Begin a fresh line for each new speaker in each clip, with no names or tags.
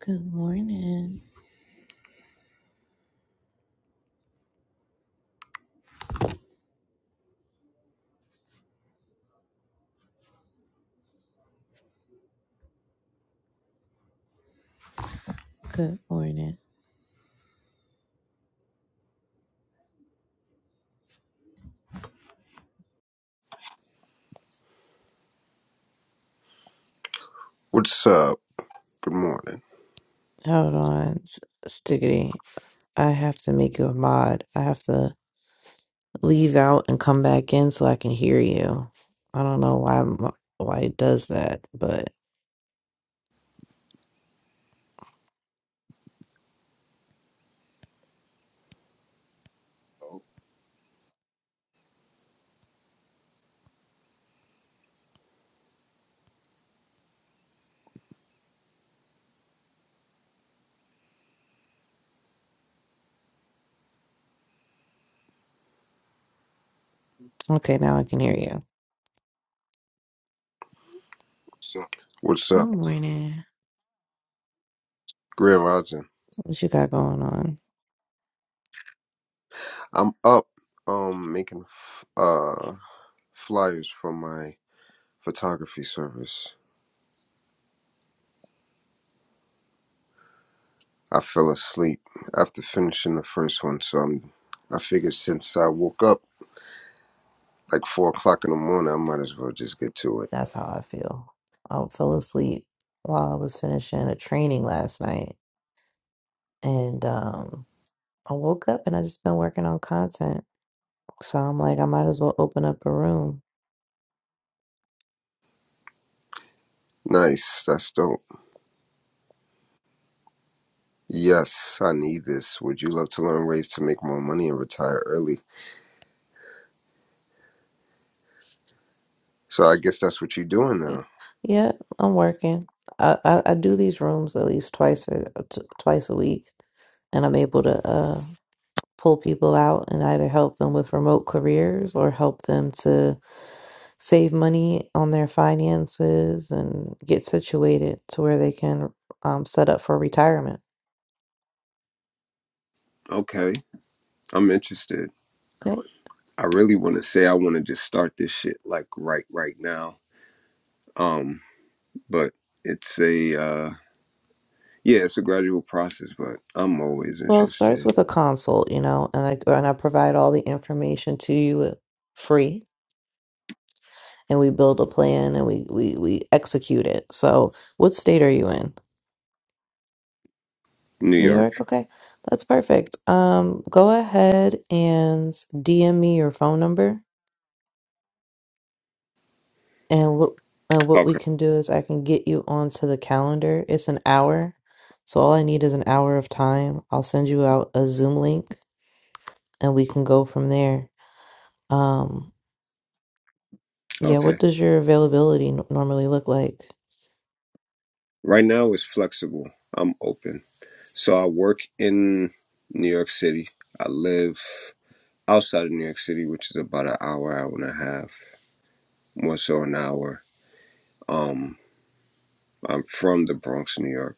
Good morning. Good morning.
What's up? Good morning.
Hold on, S- Stickity. I have to make you a mod. I have to leave out and come back in so I can hear you. I don't know why m- why it does that, but okay, now I can hear you.
What's
Good
up?
morning.
Grand Rising.
What you got going on?
I'm up um making f- uh flyers for my photography service. I fell asleep after finishing the first one, so I'm I figured since I woke up like four o'clock in the morning, I might as well just get to it.
That's how I feel. I fell asleep while I was finishing a training last night, and um, I woke up and I just been working on content. So I'm like, I might as well open up a room
Nice, that's dope. Yes, I need this. Would you love to learn ways to make more money and retire early? So I guess that's what you're doing
Y-
now.
Yeah, I'm working. I, I, I do these rooms at least twice or uh, t twice a week, and I'm able to uh, pull people out and either help them with remote careers or help them to save money on their finances and get situated to where they can um, set up for retirement.
Okay, I'm interested.
Okay.
I really want to say I want to just start this shit like right right now. Um, but it's a uh, yeah, it's a gradual process. But I'm always
Well, it starts
interested.
with a consult, you know, and I and I provide all the information to you free, and we build a plan and we we we execute it. So, what state are you in?
New
New
York.
York. Okay, that's perfect. Um, go ahead and DM me your phone number, and what uh, what we
Okay.
can do is I can get you onto the calendar. It's an hour, so all I need is an hour of time. I'll send you out a Zoom link, and we can go from there. Um, yeah. What
Okay.
does your availability n- normally look like?
Right now it's flexible. I'm open. So I work in New York City. I live outside of New York City, which is about an hour, hour and a half, more so an hour. Um, I'm from the Bronx, New York,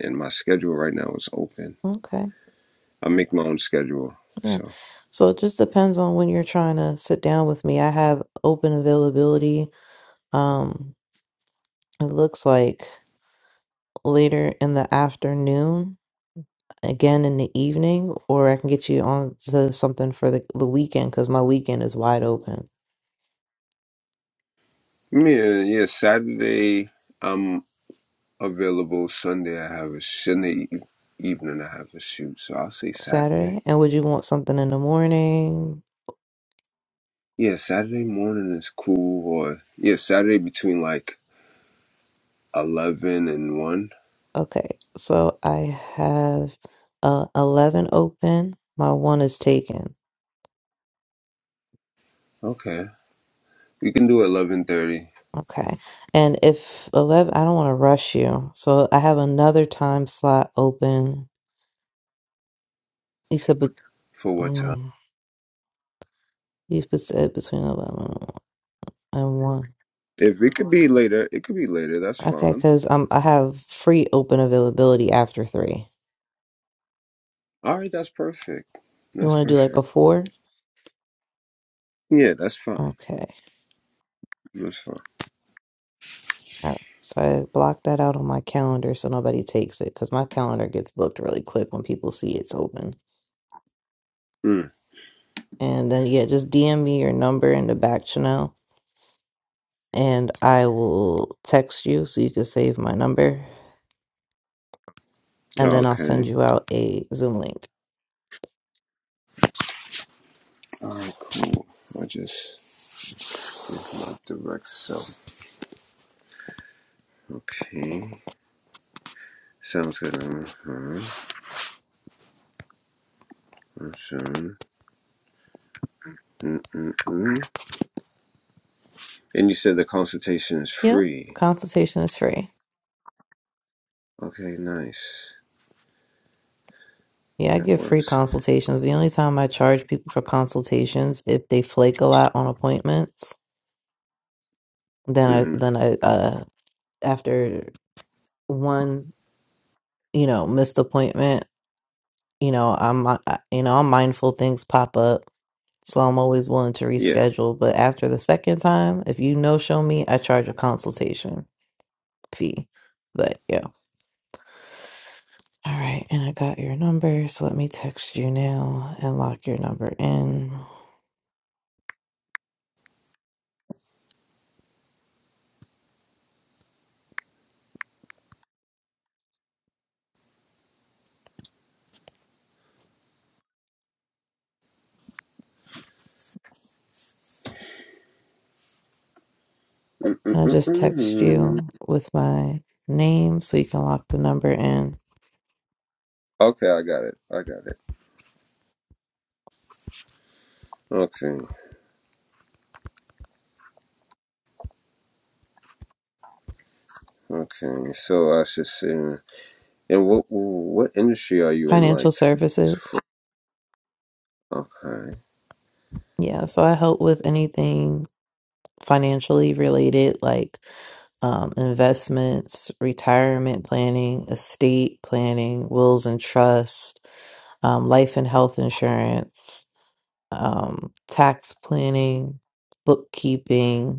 and my schedule right now is open.
Okay,
I make my own schedule.
yeah.
So.
So it just depends on when you're trying to sit down with me. I have open availability. Um, it looks like. later in the afternoon, again in the evening, or I can get you on to something for the, the weekend because my weekend is wide open
Yeah, yeah. Saturday I'm available. Sunday I have a Sunday e- evening I have a shoot, so I'll say Saturday.
Saturday. And would you want something in the morning?
Yeah, Saturday morning is cool. Or yeah, Saturday between like eleven and one.
Okay, so I have uh, 11 open, my one is taken.
Okay, we can do eleven thirty
Okay, and if 11, I don't want to rush you, so I have another time slot open. You said, but
for what time?
mm, you said between 11 and 1.
If it could be later, it could be later. That's
Okay,
fine.
because um, I have free open availability after three.
All right, that's perfect.
You
That's
want to do like a
perfect.
four?
Yeah, that's fine.
Okay.
That's fine.
All right. So I blocked that out on my calendar so nobody takes it because my calendar gets booked really quick when people see it's open.
Mm,
And then, yeah, just DM me your number in the back channel and I will text you so you can save my number. And then I'll send
okay.
you out a Zoom link.
All right, cool. I just my direct self. Okay. Sounds good. Mm-hmm. And you said the consultation is
Yep.
free.
Consultation is free.
Okay, nice.
Yeah, I
That
give free
works.
consultations. The only time I charge people for consultations if they flake a lot on appointments, then I
Mm-hmm.
then I uh after one, you know, missed appointment, you know, I'm I- you know, I'm mindful things pop up. So I'm always willing to
Yeah.
reschedule, but after the second time, if you no show me, I charge a consultation fee. But yeah. All right, and I got your number, so let me text you now and lock your number in. I'll just text you with my name so you can lock the number in.
Okay, I got it. I got it. Okay. Okay. So I should say, and what what industry are you in?
Financial
Like,
services.
okay.
Yeah, so I help with anything financially related like um, investments, retirement planning, estate planning, wills and trust, um, life and health insurance, um, tax planning, bookkeeping,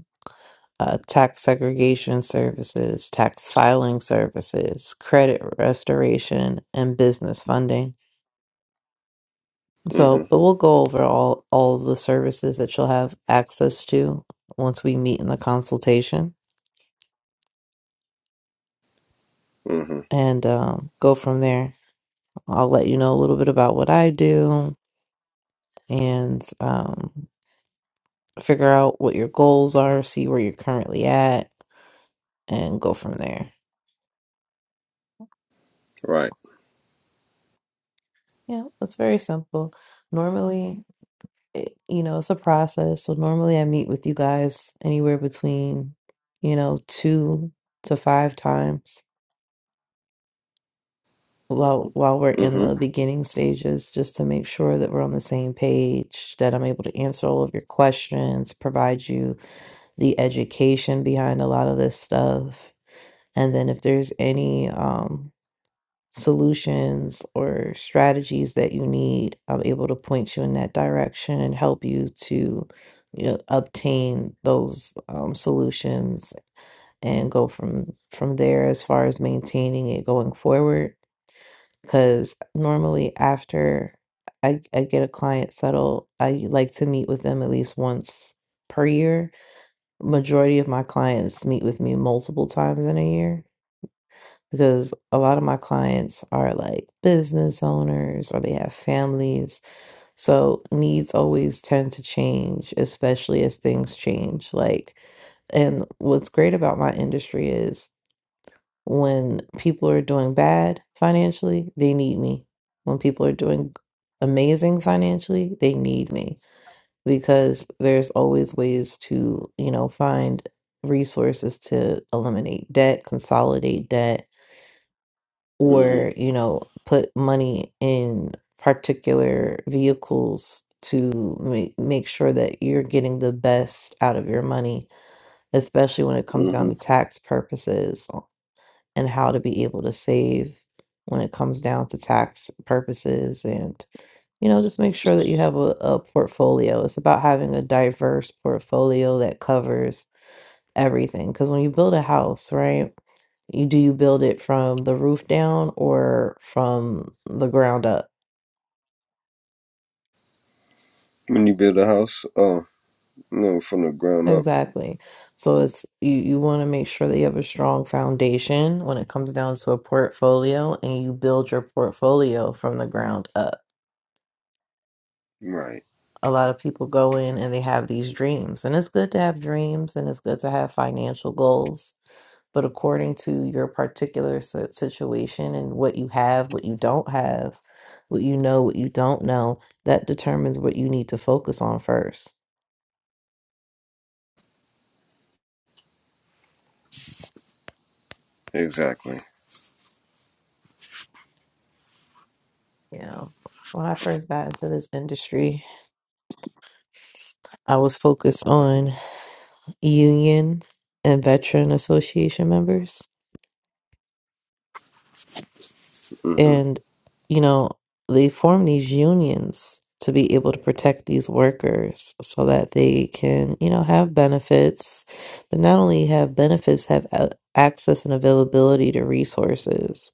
uh, tax segregation services, tax filing services, credit restoration, and business funding.
Mm-hmm.
So, but we'll go over all all of the services that you'll have access to once we meet in the consultation,
Mm-hmm.
and um, go from there. I'll let you know a little bit about what I do, and um, figure out what your goals are, see where you're currently at, and go from there.
Right.
Yeah, it's very simple. Normally, it, you know, it's a process. So normally I meet with you guys anywhere between, you know, two to five times while while we're in the
Mm-hmm.
beginning stages, just to make sure that we're on the same page, that I'm able to answer all of your questions, provide you the education behind a lot of this stuff. And then if there's any um solutions or strategies that you need, I'm able to point you in that direction and help you to you know, obtain those um, solutions and go from from there as far as maintaining it going forward. Because normally after I, I get a client settled, I like to meet with them at least once per year. Majority of my clients meet with me multiple times in a year because a lot of my clients are like business owners or they have families. So needs always tend to change, especially as things change. Like, and what's great about my industry is when people are doing bad financially, they need me. When people are doing amazing financially, they need me because there's always ways to, you know, find resources to eliminate debt, consolidate debt or
Mm-hmm.
you know put money in particular vehicles to make, make sure that you're getting the best out of your money especially when it comes down
Mm-hmm.
to tax purposes and how to be able to save when it comes down to tax purposes and you know just make sure that you have a, a portfolio it's about having a diverse portfolio that covers everything because when you build a house right you do you build it from the roof down or from the ground up?
When you build a house, oh no, from the ground up.
Exactly. So it's you you want to make sure that you have a strong foundation when it comes down to a portfolio and you build your portfolio from the ground up.
Right.
A lot of people go in and they have these dreams, and it's good to have dreams and it's good to have financial goals but according to your particular si- situation and what you have, what you don't have, what you know, what you don't know, that determines what you need to focus on first.
Exactly.
Yeah, when I first got into this industry, I was focused on union and veteran association members
Mm-hmm.
And, you know, they form these unions to be able to protect these workers so that they can, you know, have benefits, but not only have benefits, have a- access and availability to resources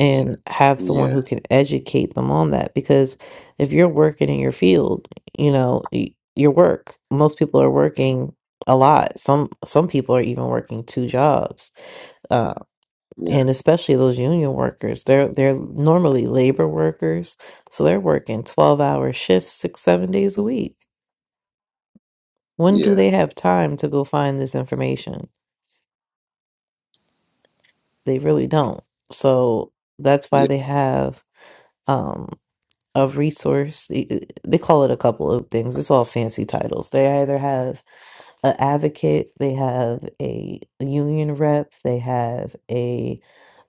and have someone
Yeah.
who can educate them on that. Because if you're working in your field, you know, y- your work, most people are working a lot. Some some people are even working two jobs uh,
Yeah,
and especially those union workers they're they're normally labor workers so they're working 12 hour shifts six seven days a week when do
yeah,
they have time to go find this information they really don't so that's why
yeah,
they have um a resource e, e, they call it a couple of things it's all fancy titles they either have an advocate they have a union rep they have a.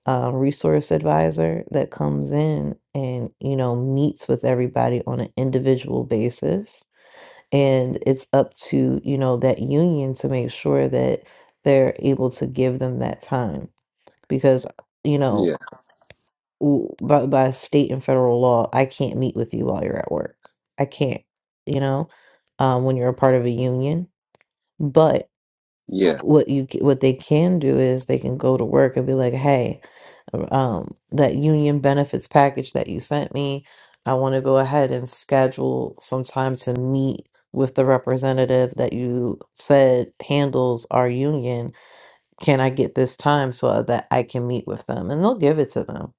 uh, resource advisor that comes in and you know meets with everybody on an individual basis and it's up to you know that union to make sure that they're able to give them that time because you know
yeah,
w- by, by state and federal law i can't meet with you while you're at work i can't you know um, when you're a part of a union but
yeah.
what you c- what they can do is they can go to work and be like hey um, that union benefits package that you sent me. I want to go ahead and schedule some time to meet with the representative that you said handles our union. Can I get this time so that I can meet with them? And they'll give it to them.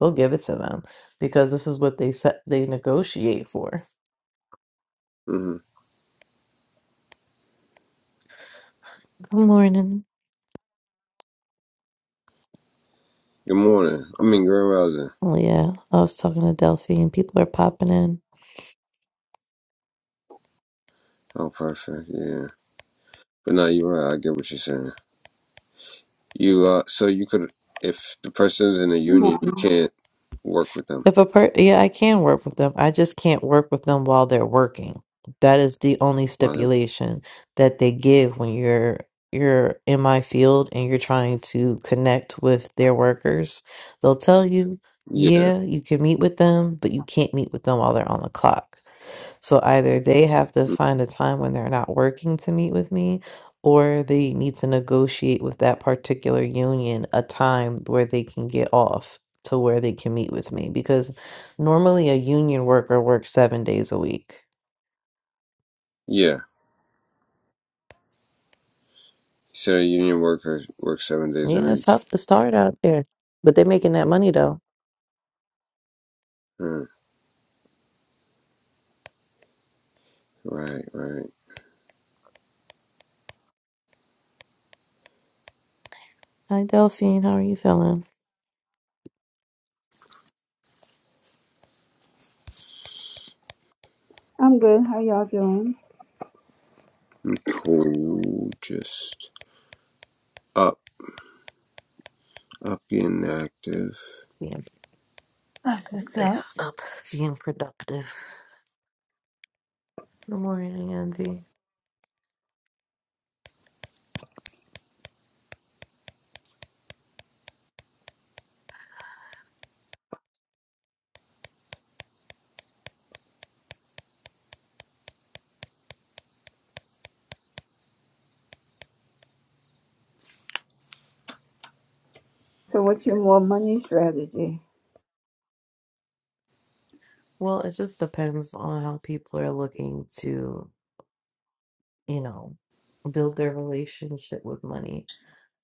They'll give it to them because this is what they set they negotiate for.
hmm
Good morning.
Good morning. I mean, Grand Rising.
Leah. I was talking to Delphi, and People are popping in.
Oh, perfect. Yeah, but no, you're right. I get what you're saying. You uh, so you could, if the person's in a
Good
union, you
morning.
can't work with them
If a per yeah, I can work with them. I just can't work with them while they're working. That is the only
while they.
stipulation that they give when you're you're in my field and you're trying to connect with their workers. They'll tell you,
Yeah,
yeah, you can meet with them, but you can't meet with them while they're on the clock. So either they have to
mm,
find a time when they're not working to meet with me, or they need to negotiate with that particular union a time where they can get off to where they can meet with me. Because normally a union worker works seven days a week.
yeah. So a union worker works seven days a
Yeah, it's
week.
tough to start out there, but they're making that money though.
Huh, Right, right.
Hi, Delphine. How are you feeling?
I'm good. How y'all doing?
Cool. Just up, up, getting active.
Being,
That's what's up.
being productive. Good morning, Andy.
So, what's your more money strategy?
Well, it just depends on how people are looking to you know, build their relationship with money.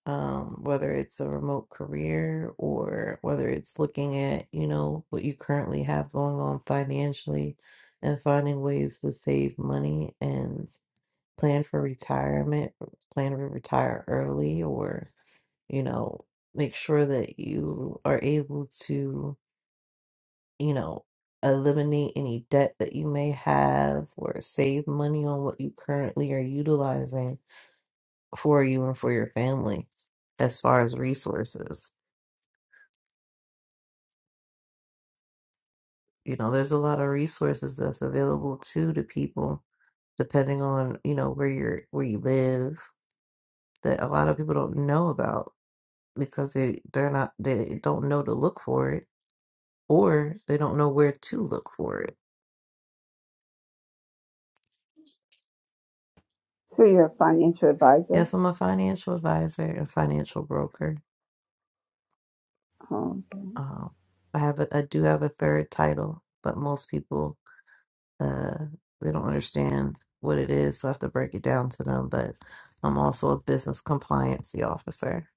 Um, whether it's a remote career or whether it's looking at, you know, what you currently have going on financially and finding ways to save money and plan for retirement, plan to retire early or, you know, make sure that you are able to, you know, eliminate any debt that you may have or save money on what you currently are utilizing for you and for your family as far as resources. You know, there's a lot of resources that's available too to people depending on, you know, where you're where you live that a lot of people don't know about because they they're not they don't know to look for it or they don't know where to look for it.
So, you're a financial advisor.
Yes, I'm a financial advisor and financial broker.
Oh,
Um I have a, I do have a third title, but most people Uh, they don't understand what it is, so I have to break it down to them. But I'm also a business compliancy officer,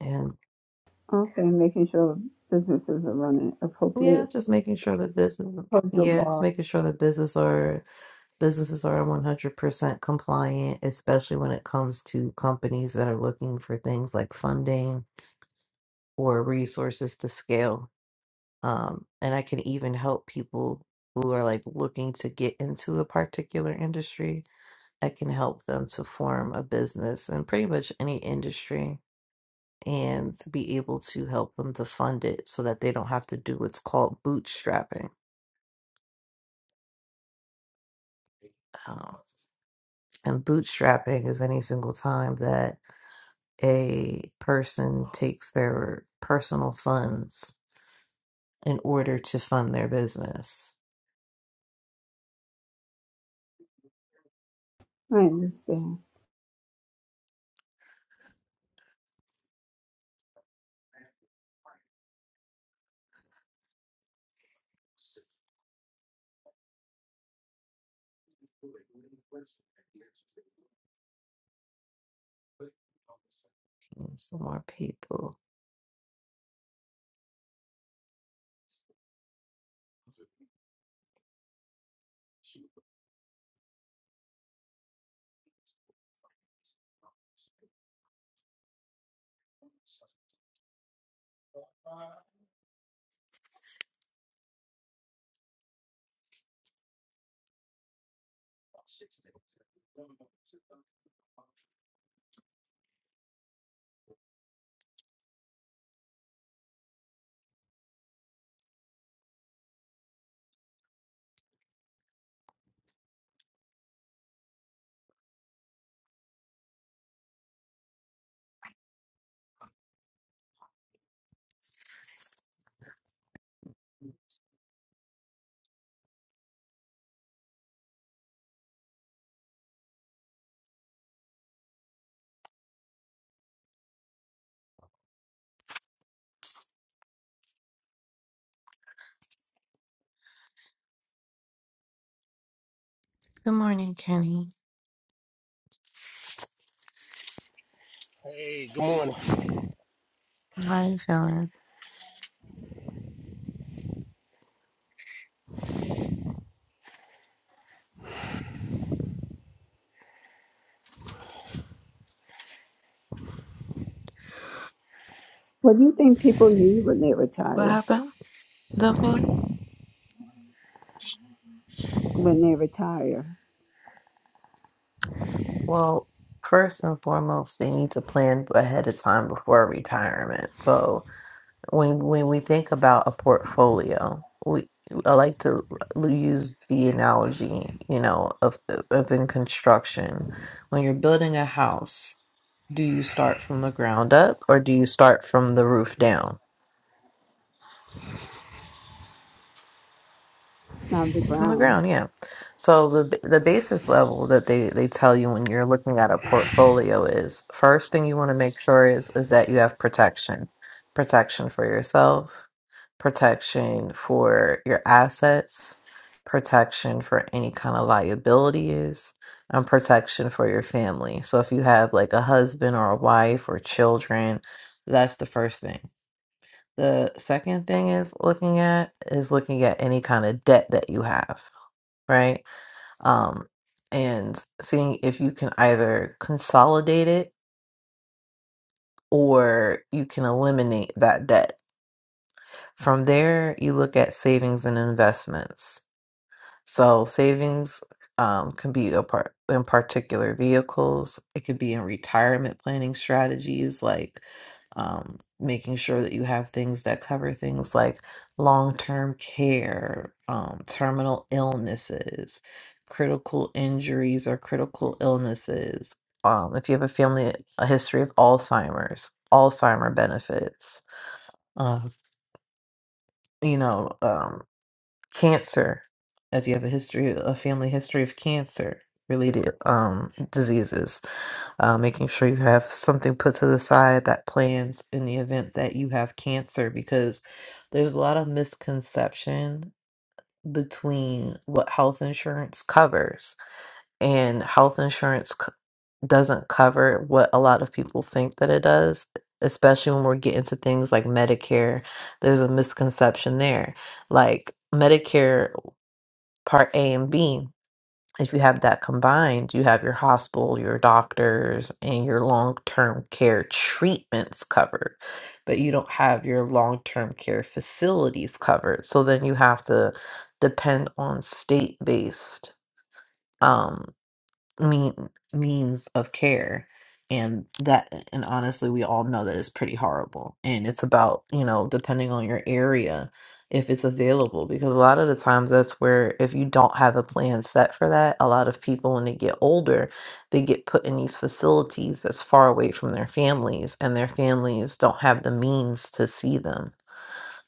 and
Okay. Okay, making sure businesses are running
yeah,
appropriately
just making sure that this,
according to
yeah, just
law.
making sure that business are businesses are 100% compliant, especially when it comes to companies that are looking for things like funding or resources to scale. Um, and I can even help people who are like looking to get into a particular industry I can help them to form a business in pretty much any industry and be able to help them to fund it so that they don't have to do what's called bootstrapping. Um, and bootstrapping is any single time that a person takes their personal funds in order to fund their business.
I understand.
Some more people. Good morning, Kenny.
Hey, good morning.
How are you feeling?
What do you think people need when they
What
retire?
happened, Duffy?
When they retire,
Well, first and foremost, they need to plan ahead of time before retirement. So when when we think about a portfolio, we I like to l- use the analogy, you know, of of in construction. When you're building a house, do you start from the ground up or do you start from the roof down?
not the
from the
ground.
ground yeah so the b- the basis level that they they tell you when you're looking at a portfolio is first thing you want to make sure is is that you have protection protection for yourself protection for your assets protection for any kind of liabilities and protection for your family so if you have like a husband or a wife or children that's the first thing the second thing is looking at is looking at any kind of debt that you have right? Um, and seeing if you can either consolidate it or you can eliminate that debt. From there, you look at savings and investments. So savings um, can be a part in particular vehicles. It could be in retirement planning strategies, like um, making sure that you have things that cover things like long-term care, um, terminal illnesses, critical injuries or critical illnesses. Um, if you have a family, a history of Alzheimer's, Alzheimer benefits. Uh, you know, um, cancer if you have a history a family history of cancer related um diseases uh, making sure you have something put to the side that plans in the event that you have cancer because there's a lot of misconception between what health insurance covers and health insurance c- doesn't cover what a lot of people think that it does especially when we're getting to things like medicare there's a misconception there like medicare part A and B. If you have that combined, you have your hospital, your doctors, and your long term care treatments covered, but you don't have your long term care facilities covered. So then you have to depend on state based mean means of care and that and honestly we all know that it's pretty horrible and it's about you know depending on your area if it's available because a lot of the times that's where if you don't have a plan set for that a lot of people when they get older they get put in these facilities that's far away from their families and their families don't have the means to see them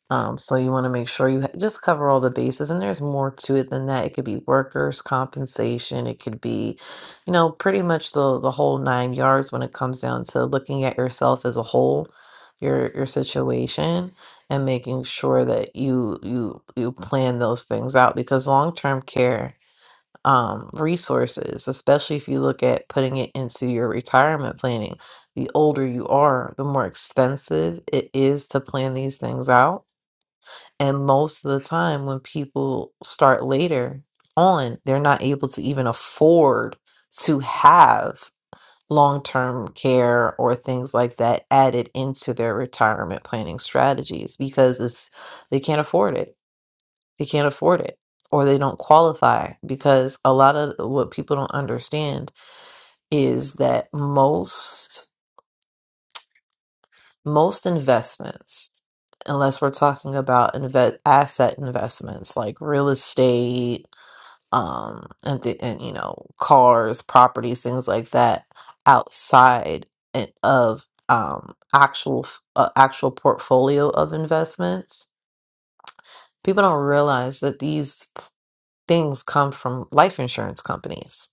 um, so you want to make sure you ha- just cover all the bases, and there's more to it than that. It could be workers' compensation. It could be, you know, pretty much the the whole nine yards when it comes down to looking at yourself as a whole, your your situation, and making sure that you you you plan those things out because long term care um resources, especially if you look at putting it into your retirement planning, the older you are, the more expensive it is to plan these things out and most of the time, when people start later on, they're not able to even afford to have long term care or things like that added into their retirement planning strategies because it's, they can't afford it. They can't afford it or they don't qualify because a lot of what people don't understand is that most most investments unless we're talking about inve- asset investments like real estate um and, th- and you know cars properties things like that outside and of um actual f- uh, actual portfolio of investments people don't realize that these things come from life insurance companies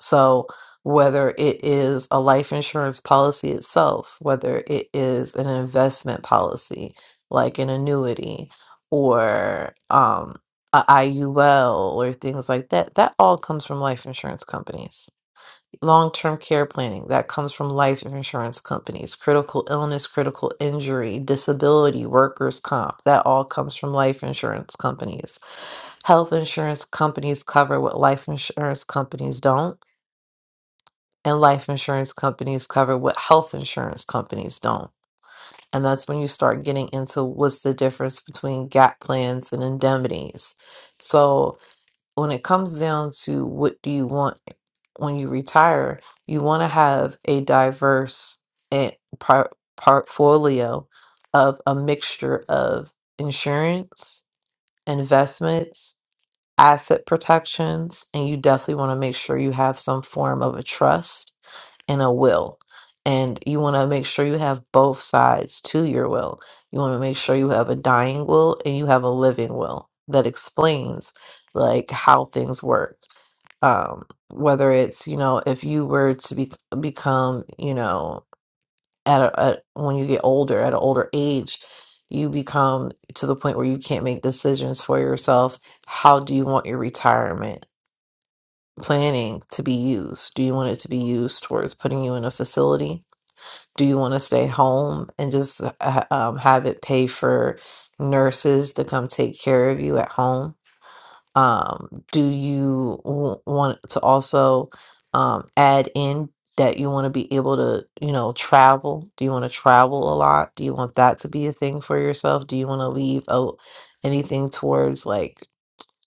So, whether it is a life insurance policy itself, whether it is an investment policy like an annuity or um, a IUL or things like that, that all comes from life insurance companies. Long term care planning, that comes from life insurance companies. Critical illness, critical injury, disability, workers' comp, that all comes from life insurance companies. Health insurance companies cover what life insurance companies don't and life insurance companies cover what health insurance companies don't. And that's when you start getting into what's the difference between gap plans and indemnities. So when it comes down to what do you want when you retire, you want to have a diverse eh, par- portfolio of a mixture of insurance, investments, asset protections, and you definitely want to make sure you have some form of a trust and a will. And you want to make sure you have both sides to your will. You want to make sure you have a dying will and you have a living will that explains like how things work. Um, whether it's, you know, if you were to be, become, you know, at a, at when you get older, at an older age, you become to the point where you can't make decisions for yourself. How do you want your retirement planning to be used? Do you want it to be used towards putting you in a facility? do you want to stay home and just uh, um, have it pay for nurses to come take care of you at home? Um, do you w- want to also um, add in that you want to be able to, you know, travel? Do you want to travel a lot? Do you want that to be a thing for yourself? Do you want to leave a, anything towards like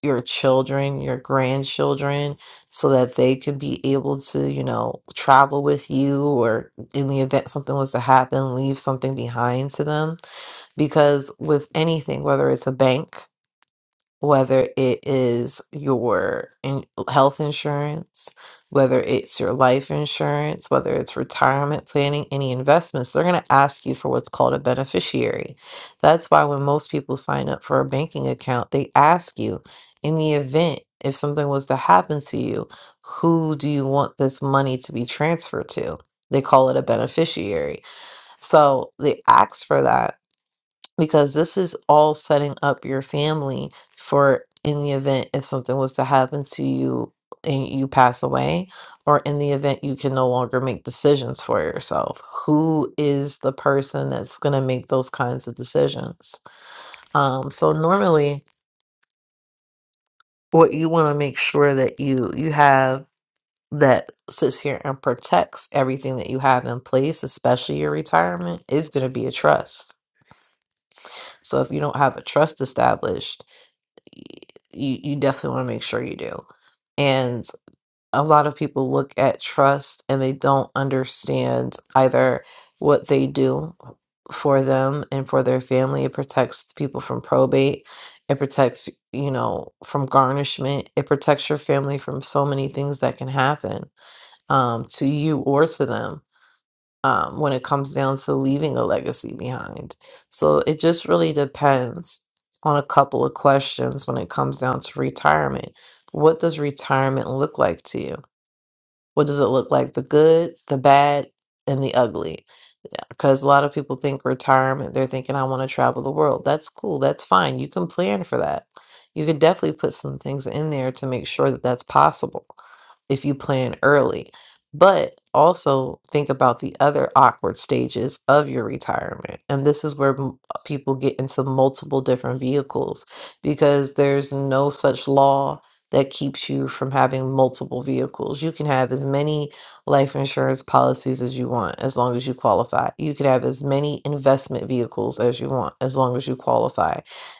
your children, your grandchildren, so that they could be able to, you know, travel with you or in the event something was to happen, leave something behind to them. Because with anything, whether it's a bank, whether it is your in- health insurance, whether it's your life insurance, whether it's retirement planning, any investments, they're going to ask you for what's called a beneficiary. That's why when most people sign up for a banking account, they ask you in the event if something was to happen to you, who do you want this money to be transferred to? They call it a beneficiary. So they ask for that because this is all setting up your family for in the event if something was to happen to you and you pass away or in the event you can no longer make decisions for yourself who is the person that's going to make those kinds of decisions um so normally what you want to make sure that you you have that sits here and protects everything that you have in place especially your retirement is going to be a trust so if you don't have a trust established you you definitely want to make sure you do. And a lot of people look at trust and they don't understand either what they do for them and for their family. It protects people from probate. It protects, you know, from garnishment. It protects your family from so many things that can happen um, to you or to them um, when it comes down to leaving a legacy behind. So it just really depends on a couple of questions when it comes down to retirement. What does retirement look like to you? What does it look like? The good, the bad, and the ugly. Because a lot of people think retirement, they're thinking, I want to travel the world. That's cool. That's fine. You can plan for that. You could definitely put some things in there to make sure that that's possible if you plan early. But also think about the other awkward stages of your retirement. And this is where m- people get into multiple different vehicles because there's no such law that keeps you from having multiple vehicles. You can have as many life insurance policies as you want, as long as you qualify. You can have as many investment vehicles as you want, as long as you qualify.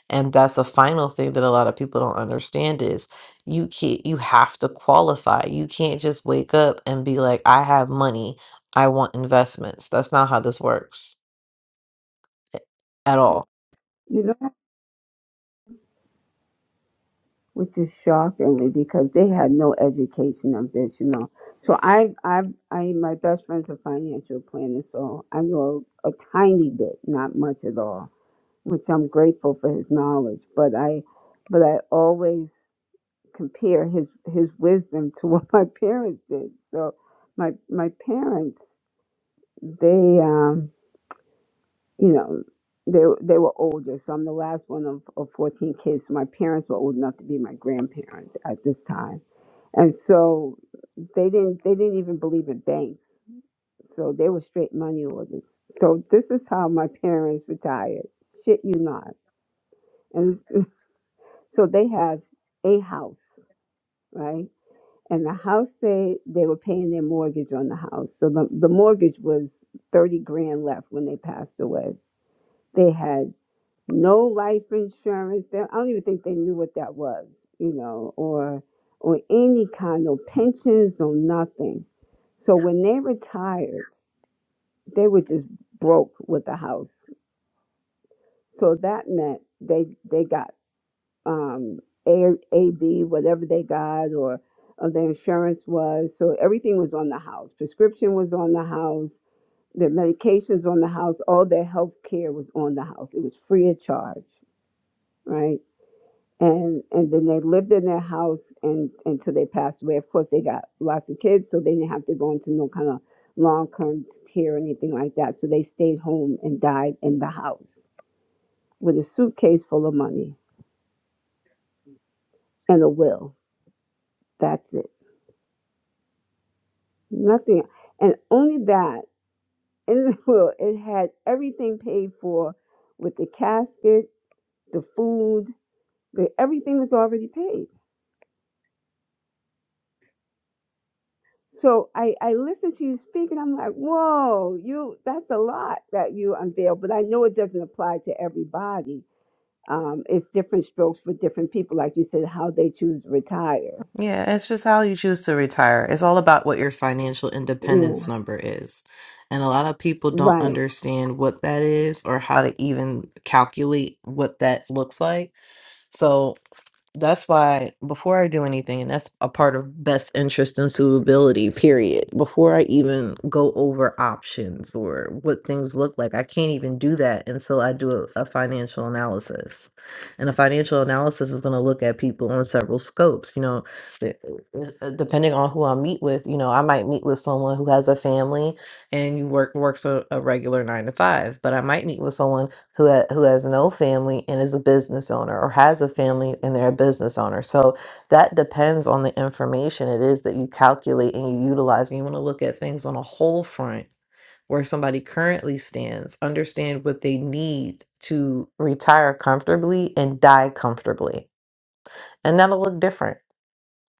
And that's the final thing that a lot of people don't understand is you can't, you have to qualify. You can't just wake up and be like, I have money, I want investments. That's not how this works eh, at all
you know. which is shockingly because they had no education of this, you know. So I, I, I, my best friend's a financial planner, so I know a, a tiny bit, not much at all, which I'm grateful for his knowledge. But I, but I always compare his his wisdom to what my parents did. So my my parents, they um you know, they they were older, so I'm the last one of, of 14 kids. So my parents were old enough to be my grandparents at this time, and so they didn't they didn't even believe in banks, so they were straight money orders. So this is how my parents retired. Shit, you not. And so they had a house, right? And the house they they were paying their mortgage on the house. So the, the mortgage was 30 grand left when they passed away. They had no life insurance. They, I don't even think they knew what that was, you know, or or any kind, no pensions, no nothing. So when they retired, they were just broke with the house. So that meant they they got um, A A B whatever they got or, or their insurance was. So everything was on the house. Prescription was on the house. Their medications on the house. All their health care was on the house. It was free of charge, right? and and then they lived in their house and until they passed away. Of course, they got lots of kids, so they didn't have to go into no kind of long term care or anything like that. So they stayed home and died in the house with a suitcase full of money and a will. That's it. Nothing, and only that in the will it had everything paid for, with the casket, the food, the, everything was already paid So I, I listened to you speak and I'm like, whoa, you that's a lot that you unveiled, but I know it doesn't apply to everybody. Um, it's different strokes for different people, like you said, how they choose to retire.
yeah, it's just how you choose to retire. It's all about what your financial independence
Mm,
number is. And a lot of people don't
Right.
understand what that is or how to even calculate what that looks like. So That's why before I do anything, and that's a part of best interest and suitability, period. Before I even go over options or what things look like, I can't even do that until I do a, a financial analysis. And a financial analysis is going to look at people on several scopes. You know, the- uh, uh, depending on who I meet with, you know, I might meet with someone who has a family and you work works a, a regular nine to five, but I might meet with someone who ha- who has no family and is a business owner or has a family and they're a business owner. So that depends on the information it is that you calculate and you utilize. And you want to look at things on a whole front where somebody currently stands, understand what they need to retire comfortably and die comfortably. And that'll look different.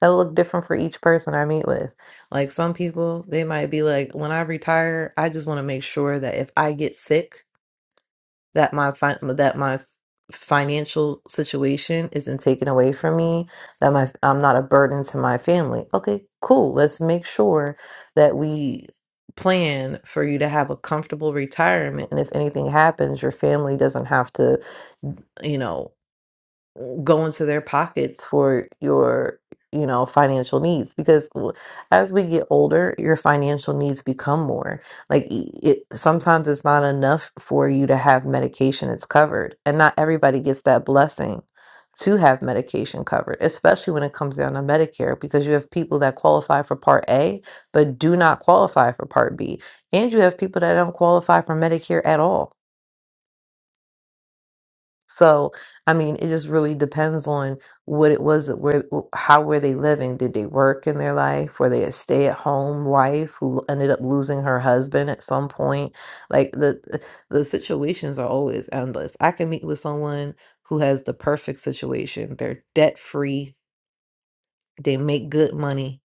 That'll look different for each person I meet with. Like some people, they might be like, when I retire, I just want to make sure that if I get sick that my fin- that my financial situation isn't taken away from me that my I'm not a burden to my family. Okay, cool. Let's make sure that we plan for you to have a comfortable retirement and if anything happens your family doesn't have to you know go into their pockets for your you know financial needs because w- as we get older your financial needs become more like e- it sometimes it's not enough for you to have medication it's covered and not everybody gets that blessing to have medication covered especially when it comes down to medicare because you have people that qualify for part a but do not qualify for part b and you have people that don't qualify for medicare at all so, I mean, it just really depends on what it was that where how were they living? Did they work in their life? Were they a stay-at-home wife who ended up losing her husband at some point? Like the the situations are always endless. I can meet with someone who has the perfect situation. They're debt-free, they make good money,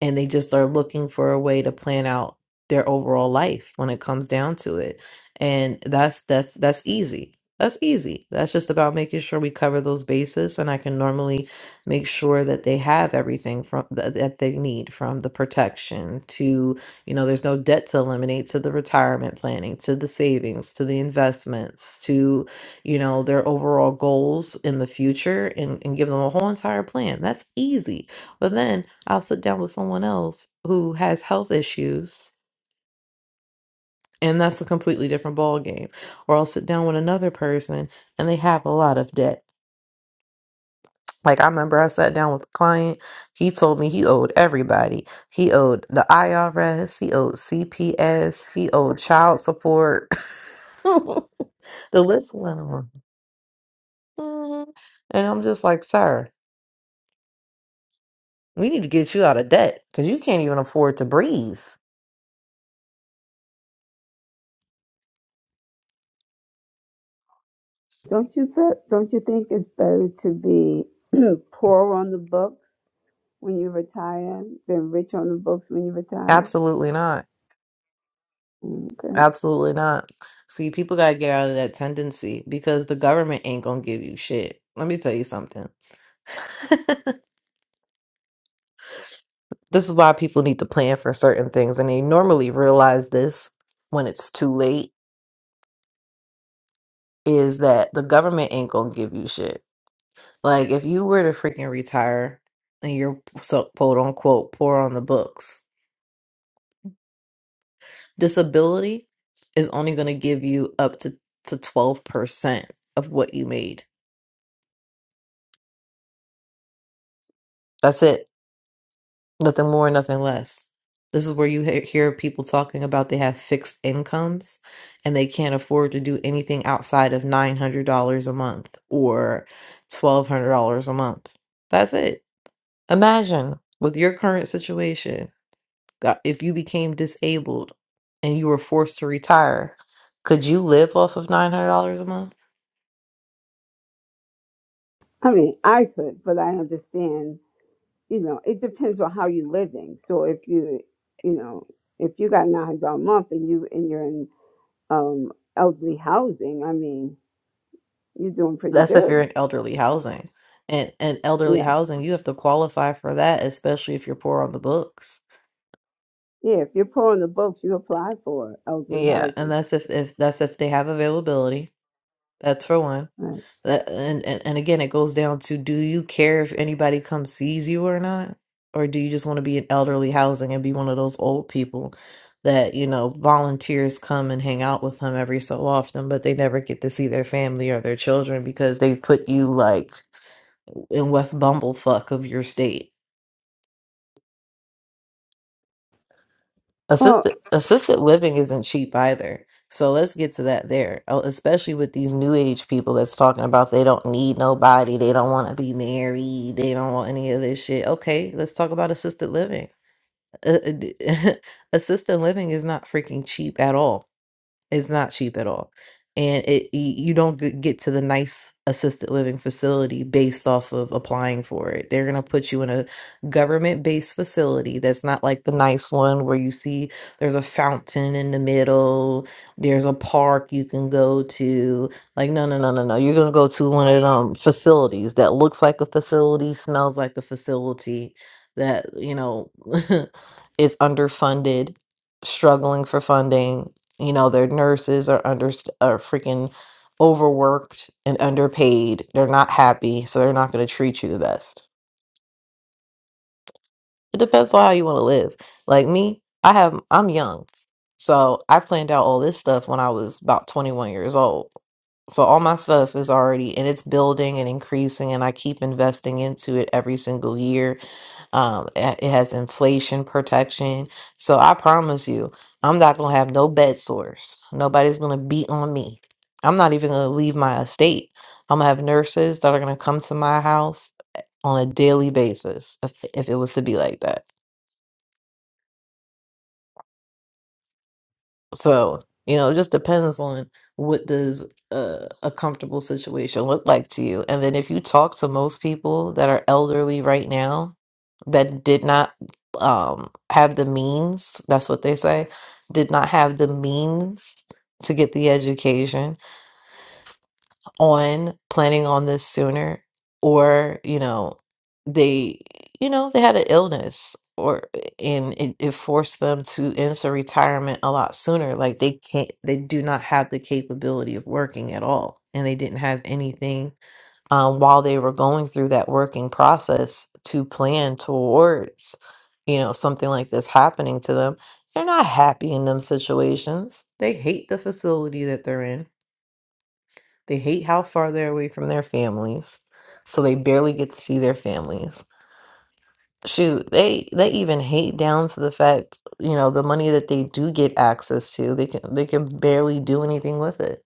and they just are looking for a way to plan out their overall life when it comes down to it and that's that's that's easy that's easy that's just about making sure we cover those bases and i can normally make sure that they have everything from that that they need from the protection to you know there's no debt to eliminate to the retirement planning to the savings to the investments to you know their overall goals in the future and, and give them a whole entire plan that's easy but then I'll sit down with someone else who has health issues, and that's a completely different ball game. Or I'll sit down with another person and they have a lot of debt. Like I remember I sat down with a client, he told me he owed everybody. He owed the IRS, he owed CPS, he owed child support. the list went on. Mhm. And I'm just like, sir, we need to get you out of debt because you can't even afford to breathe.
Don't you th- don't you think it's better to be poor on the books when you retire than rich on the books when you retire?
Absolutely not.
Mm, Okay.
Absolutely not. See, people gotta get out of that tendency because the government ain't gonna give you shit. Let me tell you something. this is why people need to plan for certain things, and they normally realize this when it's too late, is that the government ain't gonna give you shit. Like if you were to freaking retire and you're so quote unquote poor on the books, disability is only gonna give you up to to twelve percent of what you made. That's it Nothing more, nothing less. This is where you he- hear people talking about they have fixed incomes and they can't afford to do anything outside of $900 a month or $1,200 a month. That's it. Imagine with your current situation, God, if you became disabled and you were forced to retire, could you live off of $900 a month?
I mean, I could, but I understand you know, it depends on how you're living. So if you, you know, if you got nine hundred dollars a month and you and you're in um elderly housing, I mean, you're doing pretty
That's if you're
good.
in elderly housing. And, and elderly
Yes,
housing, you have to qualify for that, especially if you're poor on the books.
yeah. If you're pulling the books, you apply for elderly
Yeah, and
housing,
that's if if that's if they have availability. That's for one.
right?
That and, and and again, it goes down to do you care if anybody comes sees you or not, or do you just want to be in elderly housing and be one of those old people that you know volunteers come and hang out with them every so often, but they never get to see their family or their children because they put you like in West Bumblefuck of your state.
Well,
Assisted assisted living isn't cheap either. So let's get to that there. Oh, Especially with these new age people that's talking about they don't need nobody, they don't want to be married, they don't want any of this shit. Okay, let's talk about assisted living. Uh, uh, assisted living is not freaking cheap at all. It's not cheap at all. And it y- you don't g- get to the nice assisted living facility based off of applying for it. They're going to put you in a government-based facility that's not like the nice one where you see there's a fountain in the middle, there's a park you can go to. Like no, no, no, no, no. You're going to go to one of them facilities that looks like a facility, smells like a facility that, you know, is underfunded struggling for funding you know, their nurses are under are freaking overworked and underpaid. They're not happy, so they're not going to treat you the best. It depends on how you want to live. Like me, I have I'm young. So, I planned out all this stuff when I was about 21 years old. So all my stuff is already and it's building and increasing and I keep investing into it every single year um, it it has inflation protection. So I promise you, I'm not gonna have no bed sores. Nobody's gonna beat on me. I'm not even gonna leave my estate. I'm gonna have nurses that are gonna come to my house eh, on a daily basis if, if it was to be like that. So, you know, it just depends on what does a, a comfortable situation look like to you. And then if you talk to most people that are elderly right now that did not um have the means, that's what they say, did not have the means to get the education on planning on this sooner or you know they you know they had an illness or and it, it forced them to enter retirement a lot sooner like they can't they do not have the capability of working at all and they didn't have anything um, while they were going through that working process to plan towards you know something like this happening to them they're not happy in them situations they hate the facility that they're in they hate how far they're away from their families, so they barely get to see their families. Shoot, they they even hate down to the fact, you know, the money that they do get access to, they can they can barely do anything with it.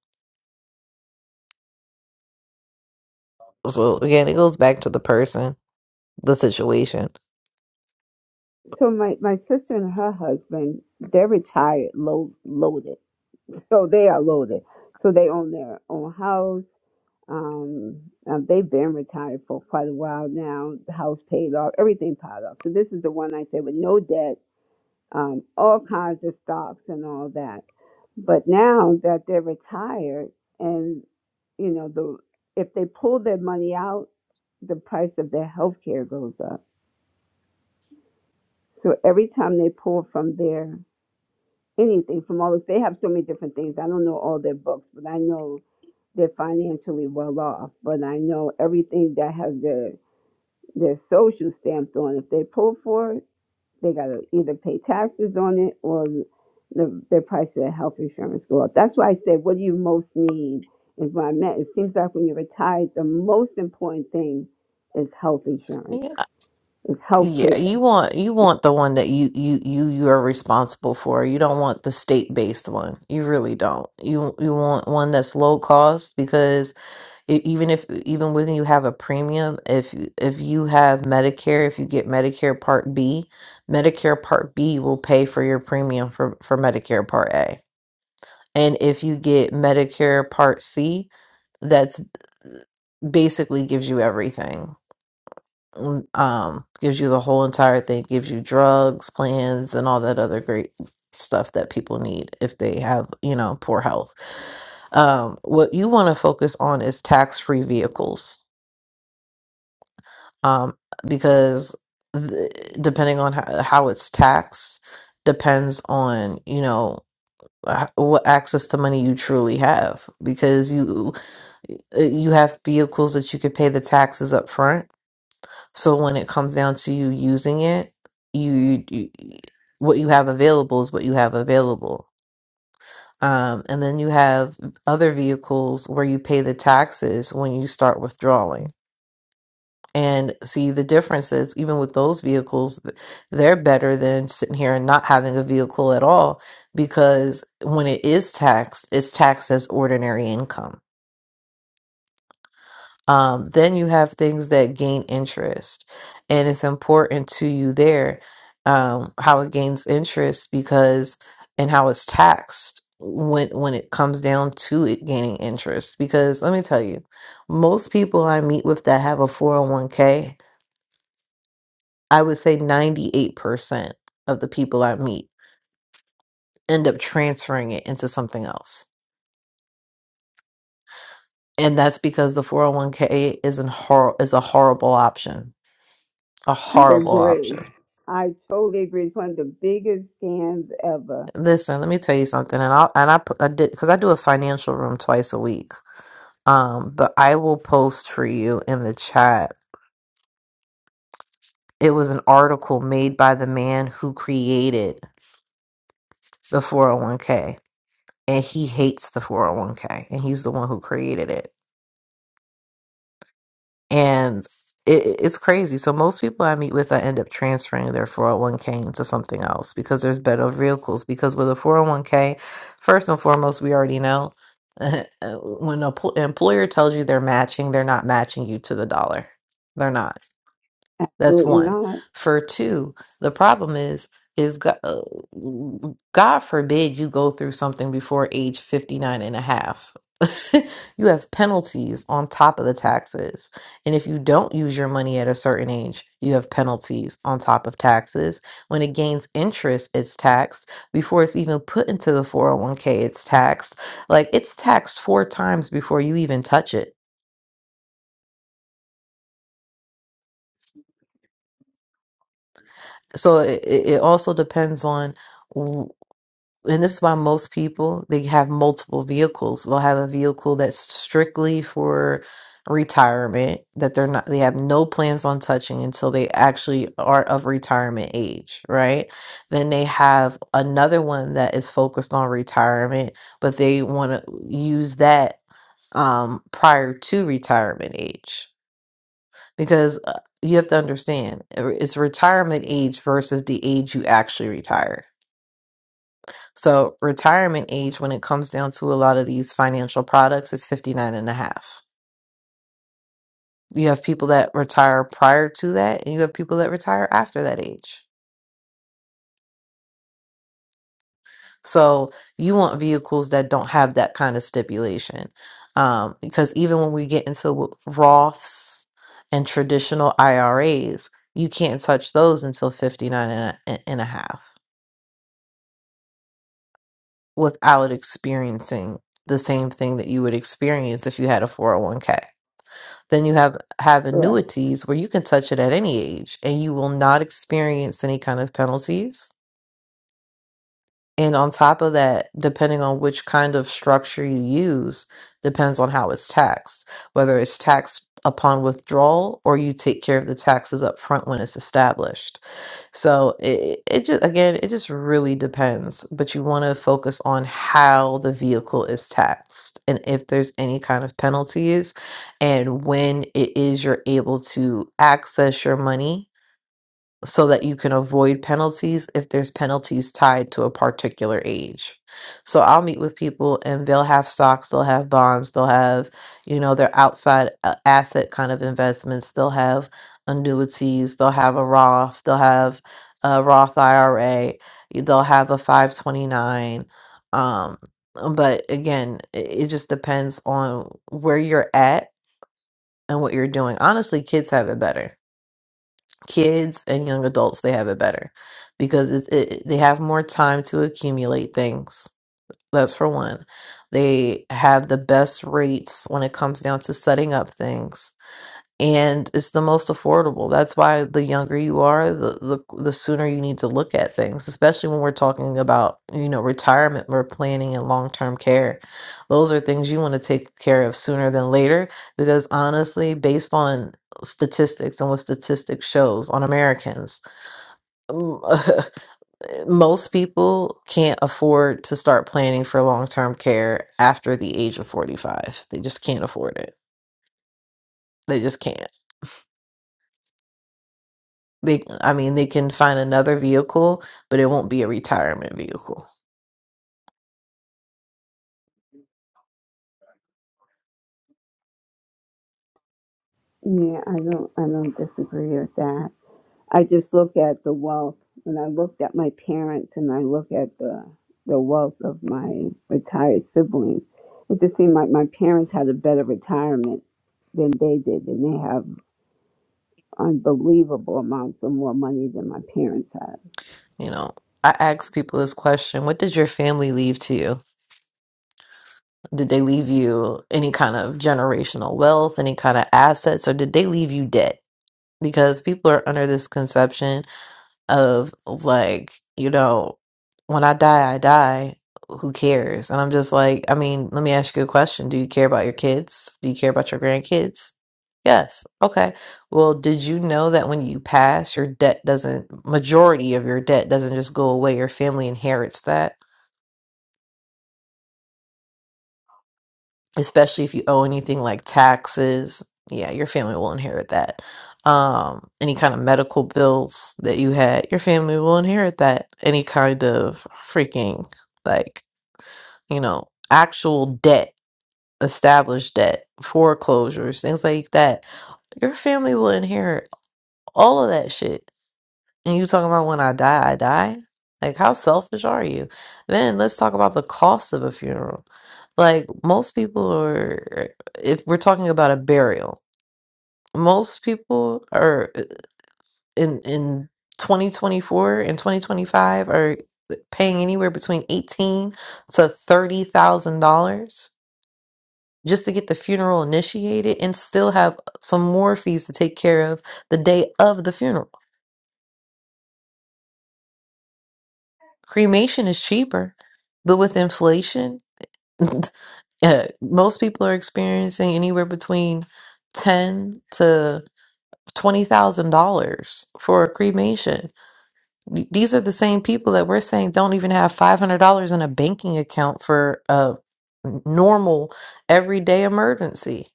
So again, it goes back to the person. the situation.
so my my sister and her husband, they're retired, low, loaded, so they are loaded. So they own their own house Um, uh, they've been retired for quite a while now. The house paid off, everything paid off. So this is the one I said with no debt, um, all kinds of stocks and all that. But now that they're retired, and you know the if they pull their money out, the price of their health care goes up. So every time they pull from their anything from all this, they have so many different things. I don't know all their books, but I know they're financially well off. But I know everything that has their their social stamped on. If they pull for it, they got to either pay taxes on it or the, their price of their health insurance go up. That's why I said, what do you most need? Is what I meant. It seems like when you're retired, the most important thing is health insurance,
Yeah.
is health
Yeah, you
care.
want you want the one that you you you you are responsible for. You don't want the state-based one. You really don't. You you want one that's low cost because E- even if e, even when you have a premium if you- if you have medicare if you get medicare part b medicare part b will pay for your premium for for medicare part a and if you get medicare part c that's basically gives you everything Mm, um gives you the whole entire thing gives you drugs plans and all that other great stuff that people need if they have you know poor health um what you want to focus on is tax free vehicles um, because th- depending on how, how it's taxed depends on you know h- what access to money you truly have because you you have vehicles that you could pay the taxes up front so when it comes down to you using it you, you what you have available is what you have available um, and then you have other vehicles where you pay the taxes when you start withdrawing and see the differences even with those vehicles th- they're better than sitting here and not having a vehicle at all because when it is taxed it's taxed as ordinary income um, then you have things that gain interest and it's important to you there um, how it gains interest because and how it's taxed when when it comes down to it gaining interest because let me tell you most people i meet with that have a 401k I would say 98% of the people I meet end up transferring it into something else. And that's because the 401k is an hor- is a horrible option. A
I
horrible
agree.
option.
I totally agree. It's one of the biggest scams ever.
Listen, let me tell you something and I and I put I did cuz I do a financial room twice a week. Um but I will post for you in the chat. It was an article made by the man who created the 401k and he hates the 401k and he's the one who created it and it, it's crazy. So most people I meet with, I end up transferring their 401k into something else because there's better vehicles. Because with a 401k, first and foremost, we already know when an employer tells you they're matching, they're not matching you to the dollar. They're not. That's
Absolutely
one.
not.
For two, the problem is is God, uh, God forbid you go through something before age 59 and a half. you have penalties on top of the taxes. And if you don't use your money at a certain age, you have penalties on top of taxes. When it gains interest, it's taxed. Before it's even put into the 401k, it's taxed. Like it's taxed four times before you even touch it. So it, it it also depends on. and this is why most people they have multiple vehicles they'll have a vehicle that's strictly for retirement that they're not they have no plans on touching until they actually are of retirement age right then they have another one that is focused on retirement but they want to use that um prior to retirement age because uh, you have to understand uh, it's retirement age versus the age you actually retire so retirement age, when it comes down to a lot of these financial products, is 59 and a half. You have people that retire prior to that, and you have people that retire after that age. So you want vehicles that don't have that kind of stipulation. Um, because even when we get into Roths and traditional IRAs, you can't touch those until 59 and a, and a half without experiencing the same thing that you would experience if you had a 401k. Then you have have
Correct.
annuities where you can touch it at any age and you will not experience any kind of penalties. And on top of that, depending on which kind of structure you use, depends on how it's taxed, whether it's taxed upon withdrawal or you take care of the taxes up front when it's established. So it, it just again, it just really depends. But you want to focus on how the vehicle is taxed and if there's any kind of penalties and when it is you're able to access your money so that you can avoid penalties if there's penalties tied to a particular age. So I'll meet with people and they'll have stocks, they'll have bonds, they'll have, you know, their outside uh, asset kind of investments, they'll have annuities, they'll have a Roth, they'll have a Roth IRA, they'll have a 529. Um, but again, it, it just depends on where you're at and what you're doing. Honestly, kids have it better kids and young adults they have it better because it, it, they have more time to accumulate things that's for one they have the best rates when it comes down to setting up things and it's the most affordable. That's why the younger you are, the, the the sooner you need to look at things, especially when we're talking about, you know, retirement or planning and long-term care. Those are things you want to take care of sooner than later because honestly, based on statistics and what statistics shows on Americans, mm, most people can't afford to start planning for long-term care after the age of 45. They just can't afford it. They just can't. They, I mean, they can find another vehicle, but it won't be a retirement vehicle.
Yeah, I don't. I don't disagree with that. I just look at the wealth, and I looked at my parents, and I look at the the wealth of my retired siblings. It just seemed like my parents had a better retirement than they did, and they have unbelievable amounts of more money than my parents had.
You know, I ask people this question: What did your family leave to you? Did they leave you any kind of generational wealth, any kind of assets, or did they leave you debt? Because people are under this conception of like, you know, when I die, I die. Who cares? And I'm just like, I mean, let me ask you a question. Do you care about your kids? Do you care about your grandkids? Yes. Okay. Well, did you know that when you pass, your debt doesn't, majority of your debt doesn't just go away, your family inherits that? especially if you owe anything like taxes. Yeah, your family will inherit that. Um, any kind of medical bills that you had, your family will inherit that. Any kind of freaking like, you know, actual debt, established debt, foreclosures, things like that. Your family will inherit all of that shit and you talking about when I die, I die? Like, how selfish are you? Then let's talk about the cost of a funeral. Like, most people are, if we're talking about a burial, most people are uh, in in 2024 and 2025 are paying anywhere between 18 to 30,000 dollars just to get the funeral initiated and still have some more fees to take care of the day of the funeral. Cremation is cheaper, but with inflation Yeah, most people are experiencing anywhere between ten to twenty thousand dollars for a cremation. Th- These are the same people that we're saying don't even have five hundred dollars in a banking account for a normal everyday emergency.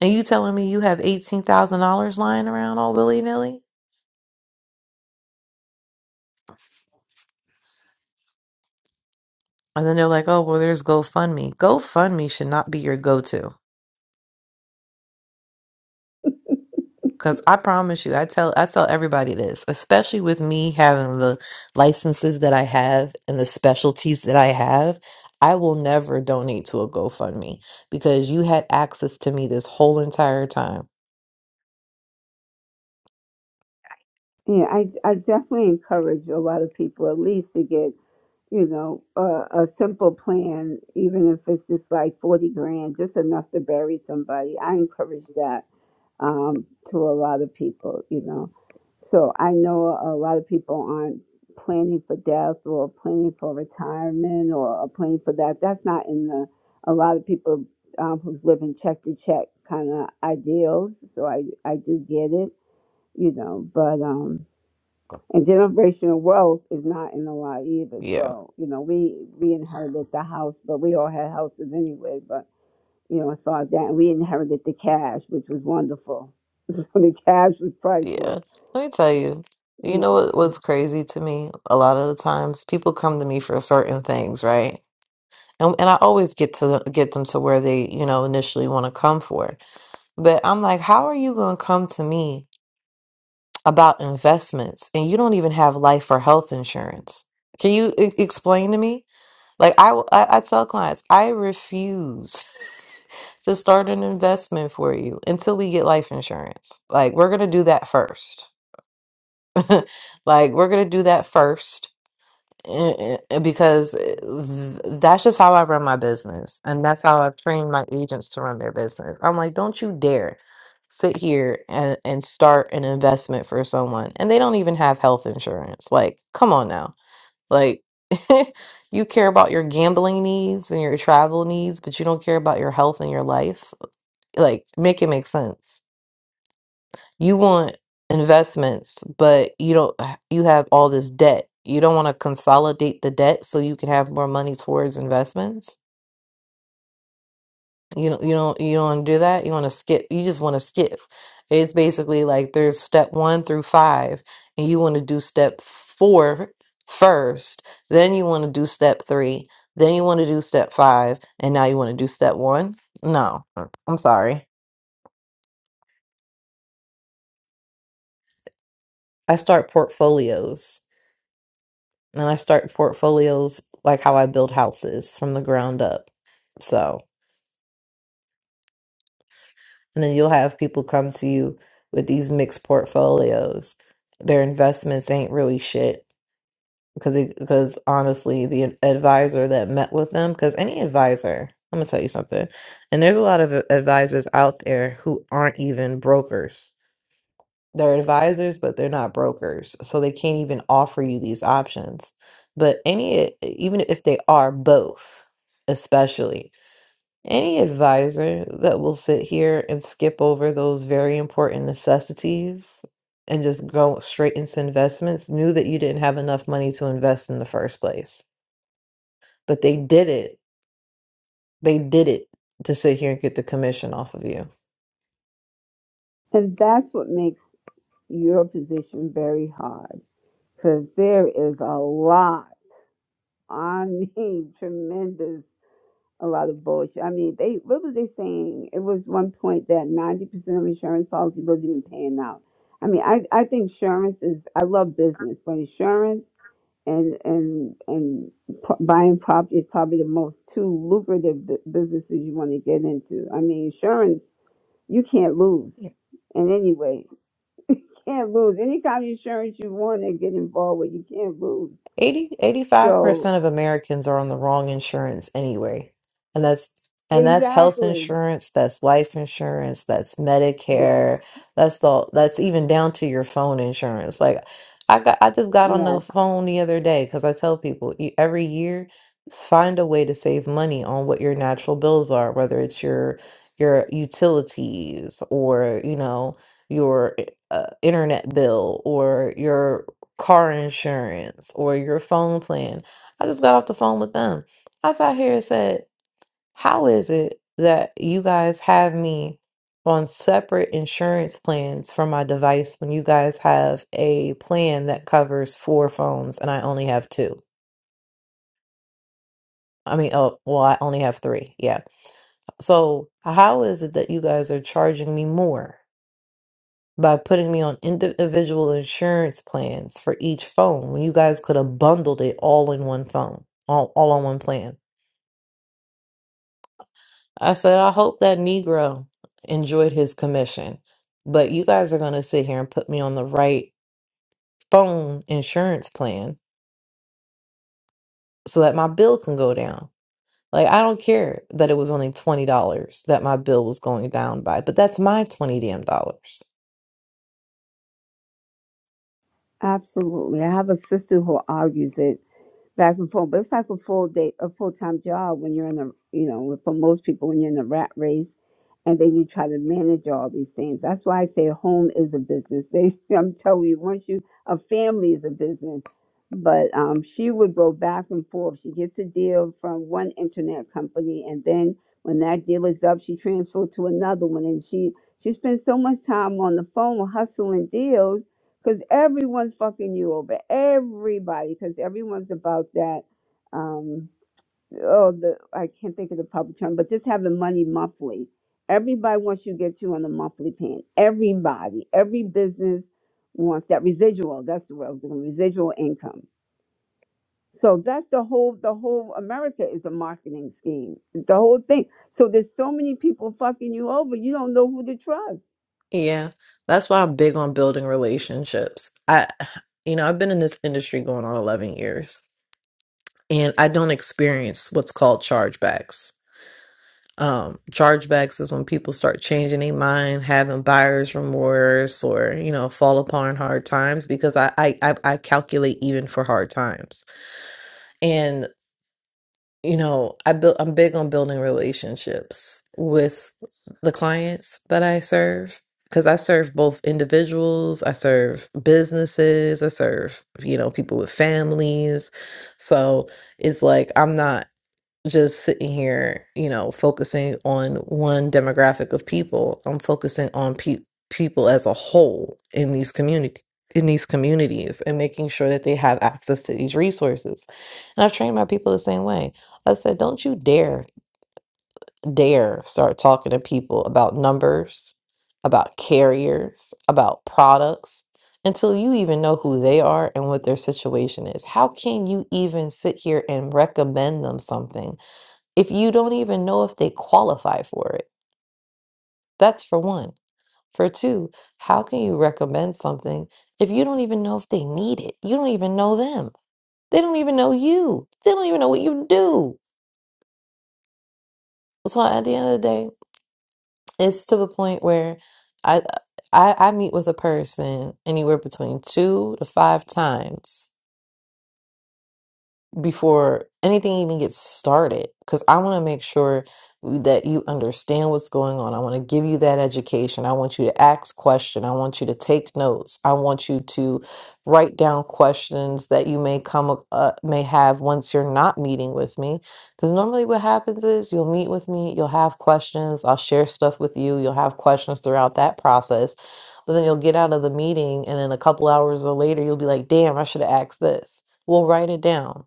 And you telling me you have eighteen thousand dollars lying around all willy nilly? And then they're like, "Oh well, there's GoFundMe." GoFundMe should not be your go-to. Cause I promise you, I tell I tell everybody this, especially with me having the licenses that I have and the specialties that I have, I will never donate to a GoFundMe because you had access to me this whole entire time.
Yeah, I I definitely encourage a lot of people at least to get you know a, a simple plan, even if it's just like forty grand, just enough to bury somebody. I encourage that um, to a lot of people, you know. So I know a lot of people aren't planning for death or planning for retirement or, are planning for that. That's not in the, a lot of people um, who's living check to check kind of ideals. So I, I do get it, you know, but, um, and generational wealth is not in the law either.
Yeah,
So, you know, we, we inherited the house, but we all had houses anyway, but you know, as far as that. And we inherited the cash, which was wonderful. So the cash was
yeah.
priceless.
Let me tell you, you
And
know what, what's crazy to me? A lot of the times people come to me for certain things, right? And and I always get to get them to where they, you know, initially want to come for. But I'm like, how are you going to come to me about investments and you don't even have life or health insurance? Can you e explain to me? Like I, I I tell clients, I refuse to start an investment for you until we get life insurance. Like we're going to do that first like we're gonna do that first eh, eh, because eh, th- that's just how I run my business, and that's how I've trained my agents to run their business. I'm like, don't you dare sit here and, and start an investment for someone, and they don't even have health insurance. Like, come on now, like. you care about your gambling needs and your travel needs, but you don't care about your health and your life. Like, make it make sense you want investments but you don't you have all this debt you don't want to consolidate the debt so you can have more money towards investments you don't you don't you don't want to do that you want to skip you just want to skip it's basically like there's step one through five and you want to do step four first then you want to do step three then you want to do step five and now you want to do step one no i'm sorry i start portfolios and I start portfolios like how I build houses from the ground up. So, and then you'll have people come to you with these mixed portfolios. Their investments ain't really shit because because honestly, the advisor that met with them because any advisor, I'm gonna tell you something, and there's a lot of advisors out there who aren't even brokers They're advisors, but they're not brokers. So they can't even offer you these options. But any, e, even if they are both, especially any advisor that will sit here and skip over those very important necessities and just go straight into investments knew that you didn't have enough money to invest in the first place. But they did it they did it to sit here and get the commission off of you.
that's what makes your position very hard because there is a lot, I mean, tremendous, a lot of bullshit. I mean, they what was they saying? It was one point that 90% of insurance policy wasn't even paying out. I mean, I, I think insurance is, I love business, but insurance and and and pro- buying property is probably the most two lucrative bu- businesses you want to get into. I mean, insurance you can't lose and anyway, Can't lose any kind of insurance you want to get involved with. You can't lose.
Eighty eighty five
So
percent of Americans are on the wrong insurance anyway. And that's and that's health
exactly,
insurance, that's life insurance, that's
yes,
Medicare, that's the that's even down to your phone insurance. Like I got I just got on the
yes,
phone the other day cuz I tell people e- every year s- find a way to save money on what your natural bills are, whether it's your your utilities or, you know, your eh, uh, internet bill or your car insurance or your phone plan. I just got off the phone with them. I sat here and said, How is it that you guys have me on separate insurance plans for my device when you guys have a plan that covers four phones and I only have two? I mean, oh, well, I only have three. Yeah. So, how is it that you guys are charging me more? by putting me on individual insurance plans for each phone when you guys could have bundled it all in one phone, all, all on one plan. I said, I hope that Negro enjoyed his commission, but you guys are going to sit here and put me on the right phone insurance plan so that my bill can go down. Like, I don't care that it was only $20 that my bill was going down by, but that's my 20 damn dollars.
absolutely. I have a sister who argues it back and forth. But it's like a full day, a full time job when you're in the, you know, for most people when you're in the rat race, and then you try to manage all these things. That's why I say home is a business. They, I'm telling you, once you a family is a business. But um, she would go back and forth. She gets a deal from one internet company, and then when that deal is up, she transferred to another one, and she she spends so much time on the phone hustling deals because everyone's fucking you over everybody because everyone's about that um oh the i can't think of the proper term but just having money monthly everybody wants you to get you on the monthly plan everybody every business wants that residual that's the word I was thinking, residual income so that's the whole the whole america is a marketing scheme the whole thing so there's so many people fucking you over you don't know who to trust
Yeah, that's why I'm big on building relationships. I, you know, I've been in this industry going on 11 years and I don't experience what's called chargebacks. Um, chargebacks is when people start changing their mind, having buyer's remorse, or you know, fall upon hard times because I I I I calculate even for hard times. you know, I build I'm big on building relationships with the clients that I serve because I serve both individuals, I serve businesses, I serve, you know, people with families. So it's like I'm not just sitting here, you know, focusing on one demographic of people. I'm focusing on pe- people as a whole in these community in these communities and making sure that they have access to these resources. And I've trained my people the same way. I said, don't you dare dare start talking to people about numbers, about carriers, about products until you even know who they are and what their situation is. How can you even sit here and recommend them something? if you don't even know if they qualify for it? That's for one. For two, how can you recommend something if you don't even know if they need it? You don't even know them. They don't even know you. They don't even know what you do. So at the end of the day, it's to the point where I I, I meet with a person anywhere between two to five times before anything even gets started because I want to make sure that you understand what's going on. I want to give you that education. I want you to ask questions. I want you to take notes. I want you to write down questions that you may come uh, may have once you're not meeting with me because normally what happens is you'll meet with me, you'll have questions, I'll share stuff with you, you'll have questions throughout that process. But then you'll get out of the meeting and then a couple hours later you'll be like, "Damn, I should have asked this." Well, write it down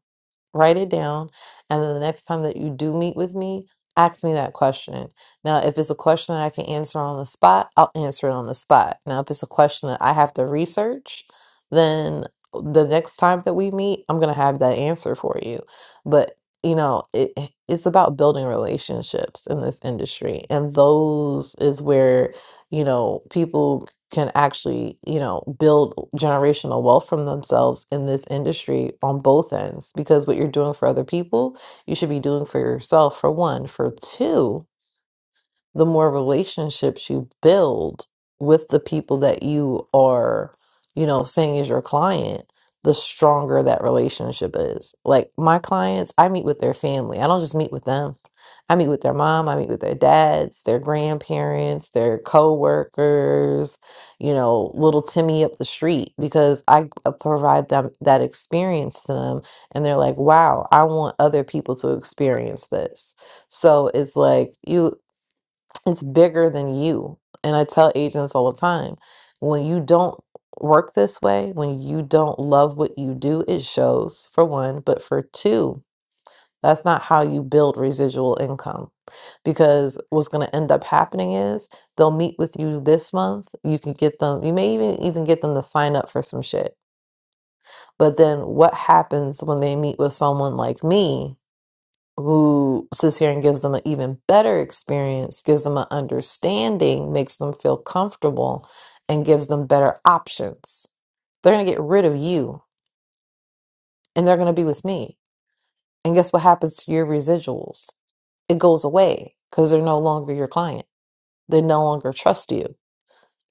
write it down and then the next time that you do meet with me ask me that question now if it's a question that i can answer on the spot i'll answer it on the spot now if it's a question that i have to research then the next time that we meet i'm going to have that answer for you but you know it, eh, it's about building relationships in this industry and those is where you know people can actually, you know, build generational wealth from themselves in this industry on both ends because what you're doing for other people, you should be doing for yourself for one, for two the more relationships you build with the people that you are, you know, saying is your client, the stronger that relationship is. Like my clients, I meet with their family. I don't just meet with them. I meet with their mom, I meet with their dads, their grandparents, their coworkers, you know, little Timmy up the street because I uh, provide them that experience to them and they're like, "Wow, I want other people to experience this." So it's like you it's bigger than you. And I tell agents all the time when you don't work this way, when you don't love what you do, it shows for one, but for two, that's not how you build residual income because what's going to end up happening is they'll meet with you this month. You can get them, you may even even get them to sign up for some shit. But then what happens when they meet with someone like me who sits here and gives them an even better experience, gives them an understanding, makes them feel comfortable, and gives them better options. They're going to get rid of you and they're going to be with me. And guess what happens to your residuals? It goes away because they're no longer your client. They no longer trust you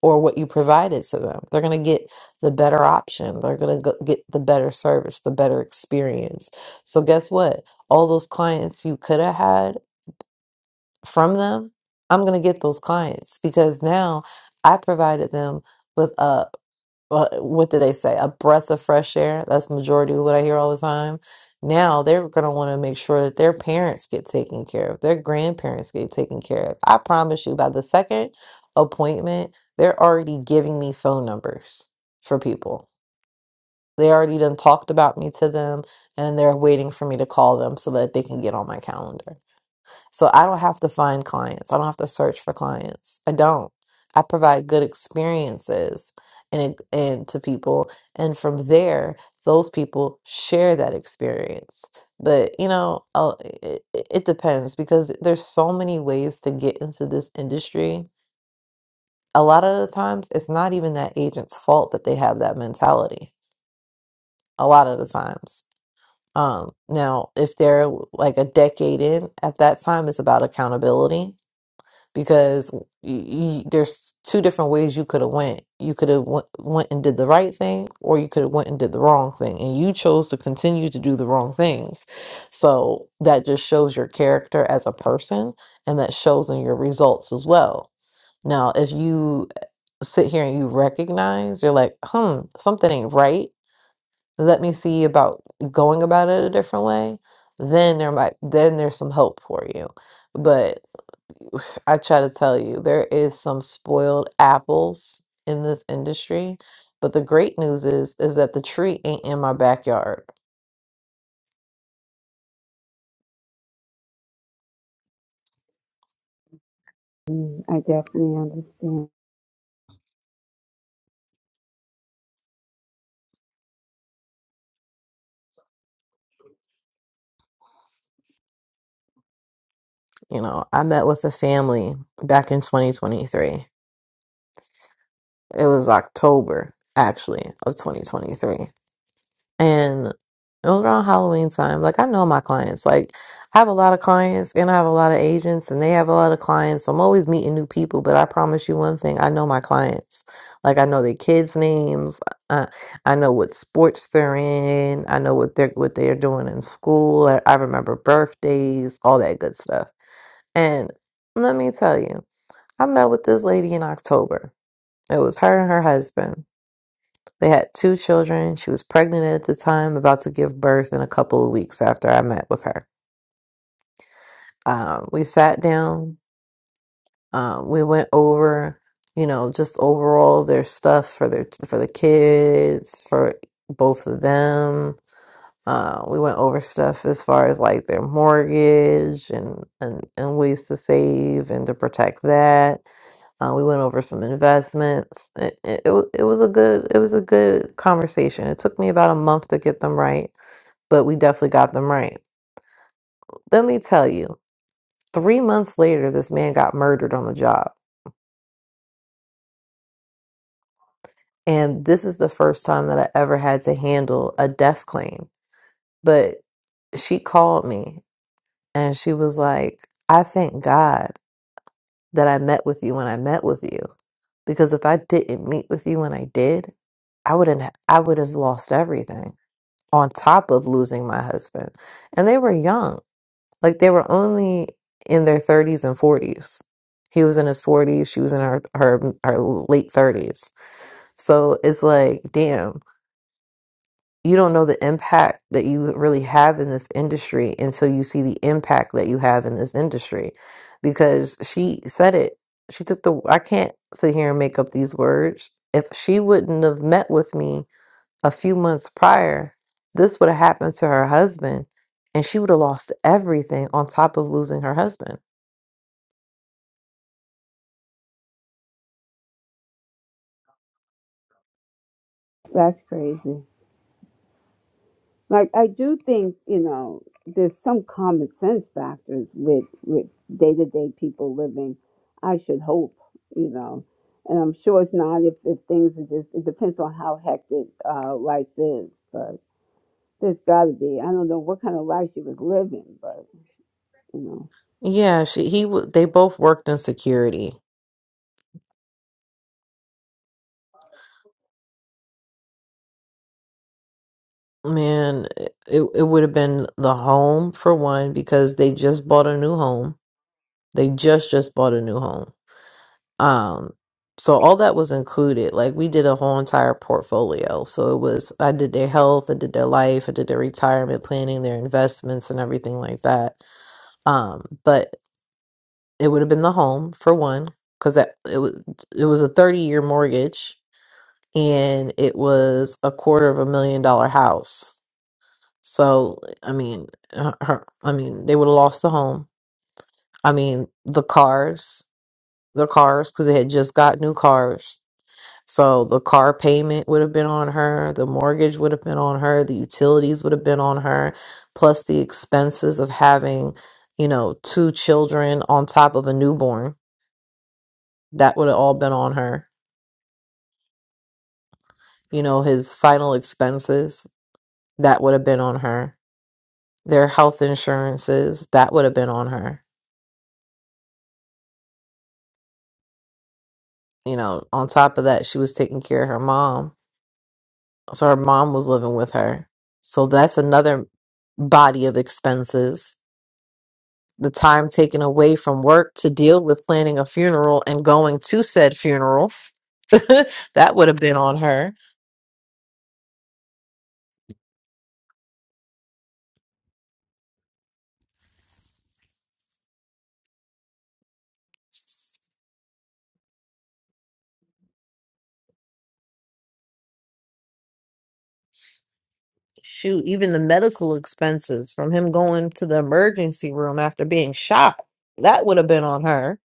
or what you provided to them. They're going to get the better option. They're going to get the better service, the better experience. So, guess what? All those clients you could have had from them, I'm going to get those clients because now I provided them with a uh, what do they say? A breath of fresh air. That's majority of what I hear all the time. Now they're going to want to make sure that their parents get taken care of, their grandparents get taken care of. I promise you, by the second appointment, they're already giving me phone numbers for people. They already done talked about me to them, and they're waiting for me to call them so that they can get on my calendar. So I don't have to find clients. I don't have to search for clients. I don't. I provide good experiences and and to people and from there those people share that experience. But you know, uh, it, it it depends because there's so many ways to get into this industry. A lot of the times it's not even that agent's fault that they have that mentality. A lot of the times. Um, now, if they're like a decade in, at that time it's about accountability because y y there's two different ways you could have went. You could have went, went and did the right thing, or you could have went and did the wrong thing, and you chose to continue to do the wrong things. So that just shows your character as a person, and that shows in your results as well. Now, if you eh, sit here and you recognize you're like, hmm, something ain't right. Let me see about going about it a different way. Then there might then there's some hope for you. but. I try to tell you, there is some spoiled apples in this industry. But the great news is is that the tree ain't in my backyard.
Mm, i definitely understand
You know, I met with a family back in 2023. It was October, actually, of 2023. and it was around Halloween time. Like I know my clients. Like I have a lot of clients and I have a lot of agents and they have a lot of clients. So I'm always meeting new people, but I promise you one thing, I know my clients. Like I know their kids' names. I, I know what sports they're in. I know what they're what they're doing in school. I, I remember birthdays, all that good stuff. And let me tell you, I met with this lady in October. It was her and her husband. They had two children. She was pregnant at the time, about to give birth in a couple of weeks after I met with her. Um, we sat down. Um, we went over, you know, just overall their stuff for their for the kids, for both of them Uh, we went over stuff as far as like their mortgage and, and, and ways to save and to protect that. Uh, we went over some investments. It, it, it wa- it was a good it was a good conversation. It took me about a month to get them right, but we definitely got them right. Let me tell you, three months later, this man got murdered on the job, and this is the first time that I ever had to handle a death claim. But she called me and she was like, "I thank God." that I met with you when I met with you. Because if I didn't meet with you when I did, I wouldn't ha- I would have lost everything on top of losing my husband. And they were young. Like they were only in their 30s and 40s. He was in his 40s, she was in her her, her late 30s. So it's like, damn you don't know the impact that you really have in this industry until you see the impact that you have in this industry because she said it she took the i can't sit here and make up these words if she wouldn't have met with me a few months prior this would have happened to her husband and she would have lost everything on top of losing her husband
that's crazy Like I do think, you know, there's some common sense factors with with day to day people living. I should hope, you know, and I'm sure it's not if if things are just. It depends on how hectic uh, life is, but there's got to be. I don't know what kind of life she was living, but you
yeah she he would they both worked in security Man, it it would have been the home for one because they just bought a new home. They just just bought a new home. Um, so all that was included. Like we did a whole entire portfolio. So it was I did their health, I did their life, I did their retirement planning, their investments, and everything like that. Um, but it would have been the home for one because that it was it was a 30 year mortgage and it was a quarter of a million dollar house. So I mean, her, her- I mean, they would have lost the home. I mean, the cars, the cars, because they had just got new cars. So the car payment would have been on her. The mortgage would have been on her. The utilities would have been on her, plus the expenses of having, you know, two children on top of a newborn. That would have all been on her. You know, his final expenses that would have been on her. Their health insurances that would have been on her you know, on top of that, she was taking care of her mom. So her mom was living with her. So that's another body of expenses. The time taken away from work to deal with planning a funeral and going to said funeral. that would have been on her. Shoot, even the medical expenses from him going to the emergency room after being shot, that would have been on her.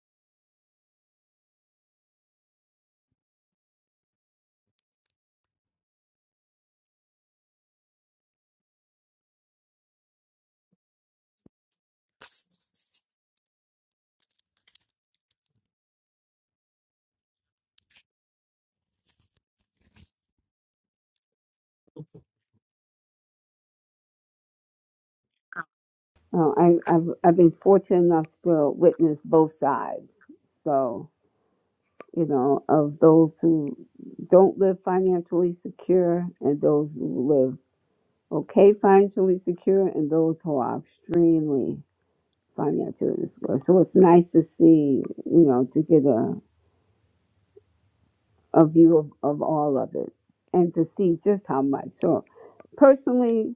know, uh, I I've I've been fortunate enough to uh, witness both sides. So you know, of those who don't live financially secure and those who live Okay, financially secure and those who are extremely financially secure. So it's nice to see, you know, to get a, a view of, of all of it and to see just how much. So personally,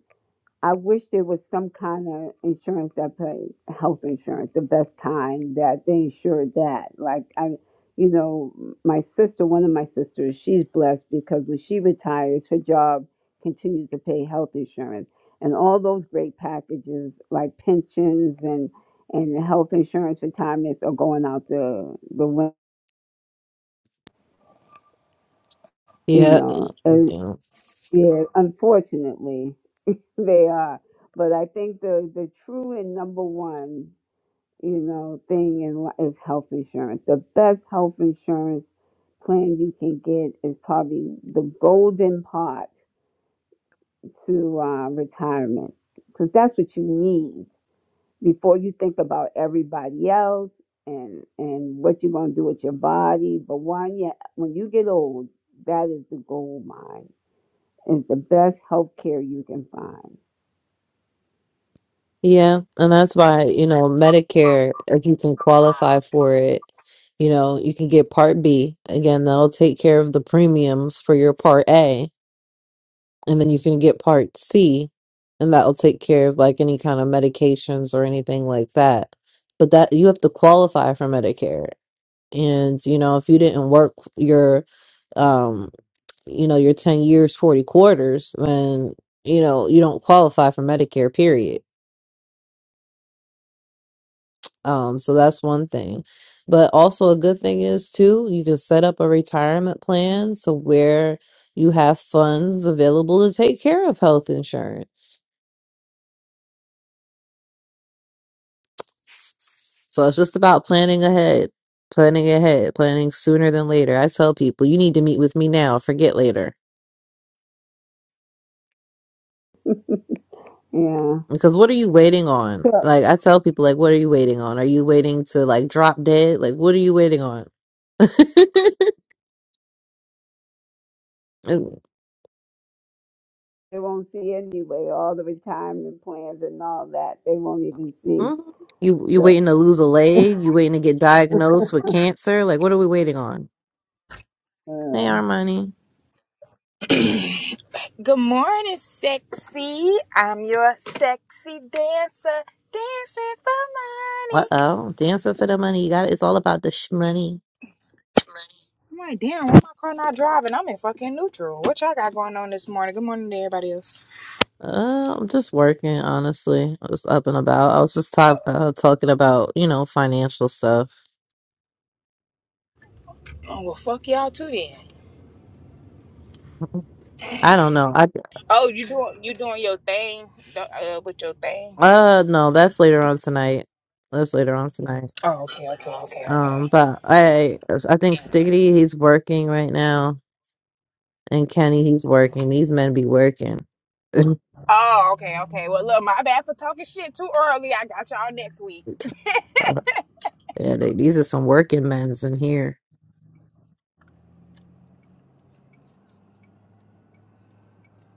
I wish there was some kind of insurance that paid health insurance, the best kind that they insured that. Like I, you know, my sister, one of my sisters, she's blessed because when she retires, her job continues to pay health insurance and all those great packages like pensions and and health insurance retirements are going out the the win- you
Yeah.
know and yeah unfortunately they are but i think the the true and number one you know, thing in li- is health insurance. The best health insurance plan you can get is probably the golden pot to uh, retirement because that's what you need before you think about everybody else and and what you're gonna do with your body. But when you when you get old, that is the gold mine. It's the best health care you can find.
Yeah, and that's why, you know, Medicare, if you can qualify for it, you know, you can get Part B. Again, that'll take care of the premiums for your Part A, and then you can get Part C, and that'll take care of like any kind of medications or anything like that. But that you have to qualify for Medicare. And, you know, if you didn't work your um you know your 10 years 40 quarters then you know you don't qualify for medicare period Um, so that's one thing. But also a good thing is too, you can set up a retirement plan so where you have funds available to take care of health insurance. So it's just about planning ahead, planning ahead, planning sooner than later. I tell people, you need to meet with me now, forget later.
Yeah.
Because what are you waiting on?
So.
Like I tell people like what are you waiting on? Are you waiting to like drop dead? Like what are you waiting on?
they won't see anyway. All the retirement plans and all that, they won't even see.
Mhm. You you
So,
waiting to lose a leg? You waiting to get diagnosed with cancer? Like what are we waiting on? Hey, our money.
Good morning, sexy. I'm your sexy dancer, dancing for
Uh
money.
oh, dancing for the money. You got it's all about the sh- money.
I'm like, damn, why my car not driving? I'm in fucking neutral. What y'all got going on this morning? Good morning to everybody else.
Uh, I'm just working, honestly. I was up and about. I was just talk, uh, talking about you know financial stuff.
Oh well, fuck y'all too then.
I don't know. I
Oh, you doing you doing your thing uh, with your thing?
uh no, that's later on tonight. That's later on tonight.
Oh, okay, okay, okay,
Um,
okay.
but I I think Stiggity he's working right now, and Kenny he's working. These men be working.
Oh, okay, okay. Well, look, my bad for talking shit too early. I got y'all next week.
Yeah, they, these are some working men's in here.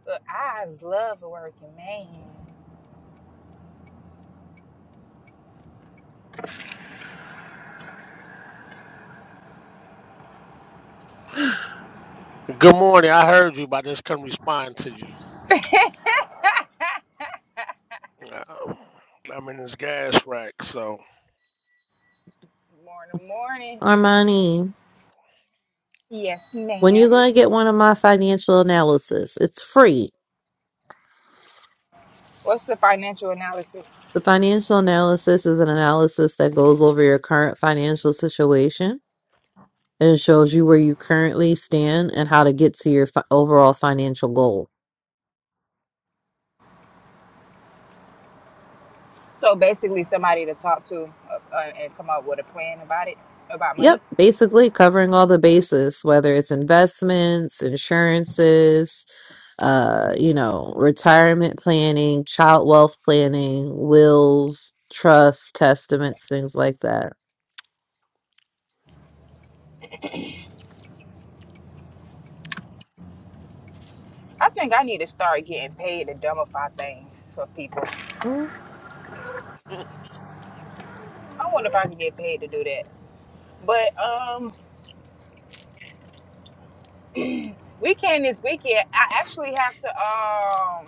Look, I just love working, man.
Good morning. I heard you, but I just couldn't respond to you. Uh, I'm in this gas rack, so.
morning, morning.
Armani,
Yes,
when you
ma'am.
going to get one of my financial analysis? It's free.
What's the financial analysis?
The financial analysis is an analysis that goes over your current financial situation and shows you where you currently stand and how to get to your fi- overall financial goal.
So basically, somebody to talk to uh, uh, and come up with a plan about it, about
Yep,
money.
basically covering all the bases, whether it's investments, insurances, uh, you know, retirement planning, child wealth planning, wills, trusts, testaments, things like that.
I think I need to start getting paid to dumbify things for people.
Mm.
I wonder if I can get paid to do that. But um, weekend is weekend. I actually have to um.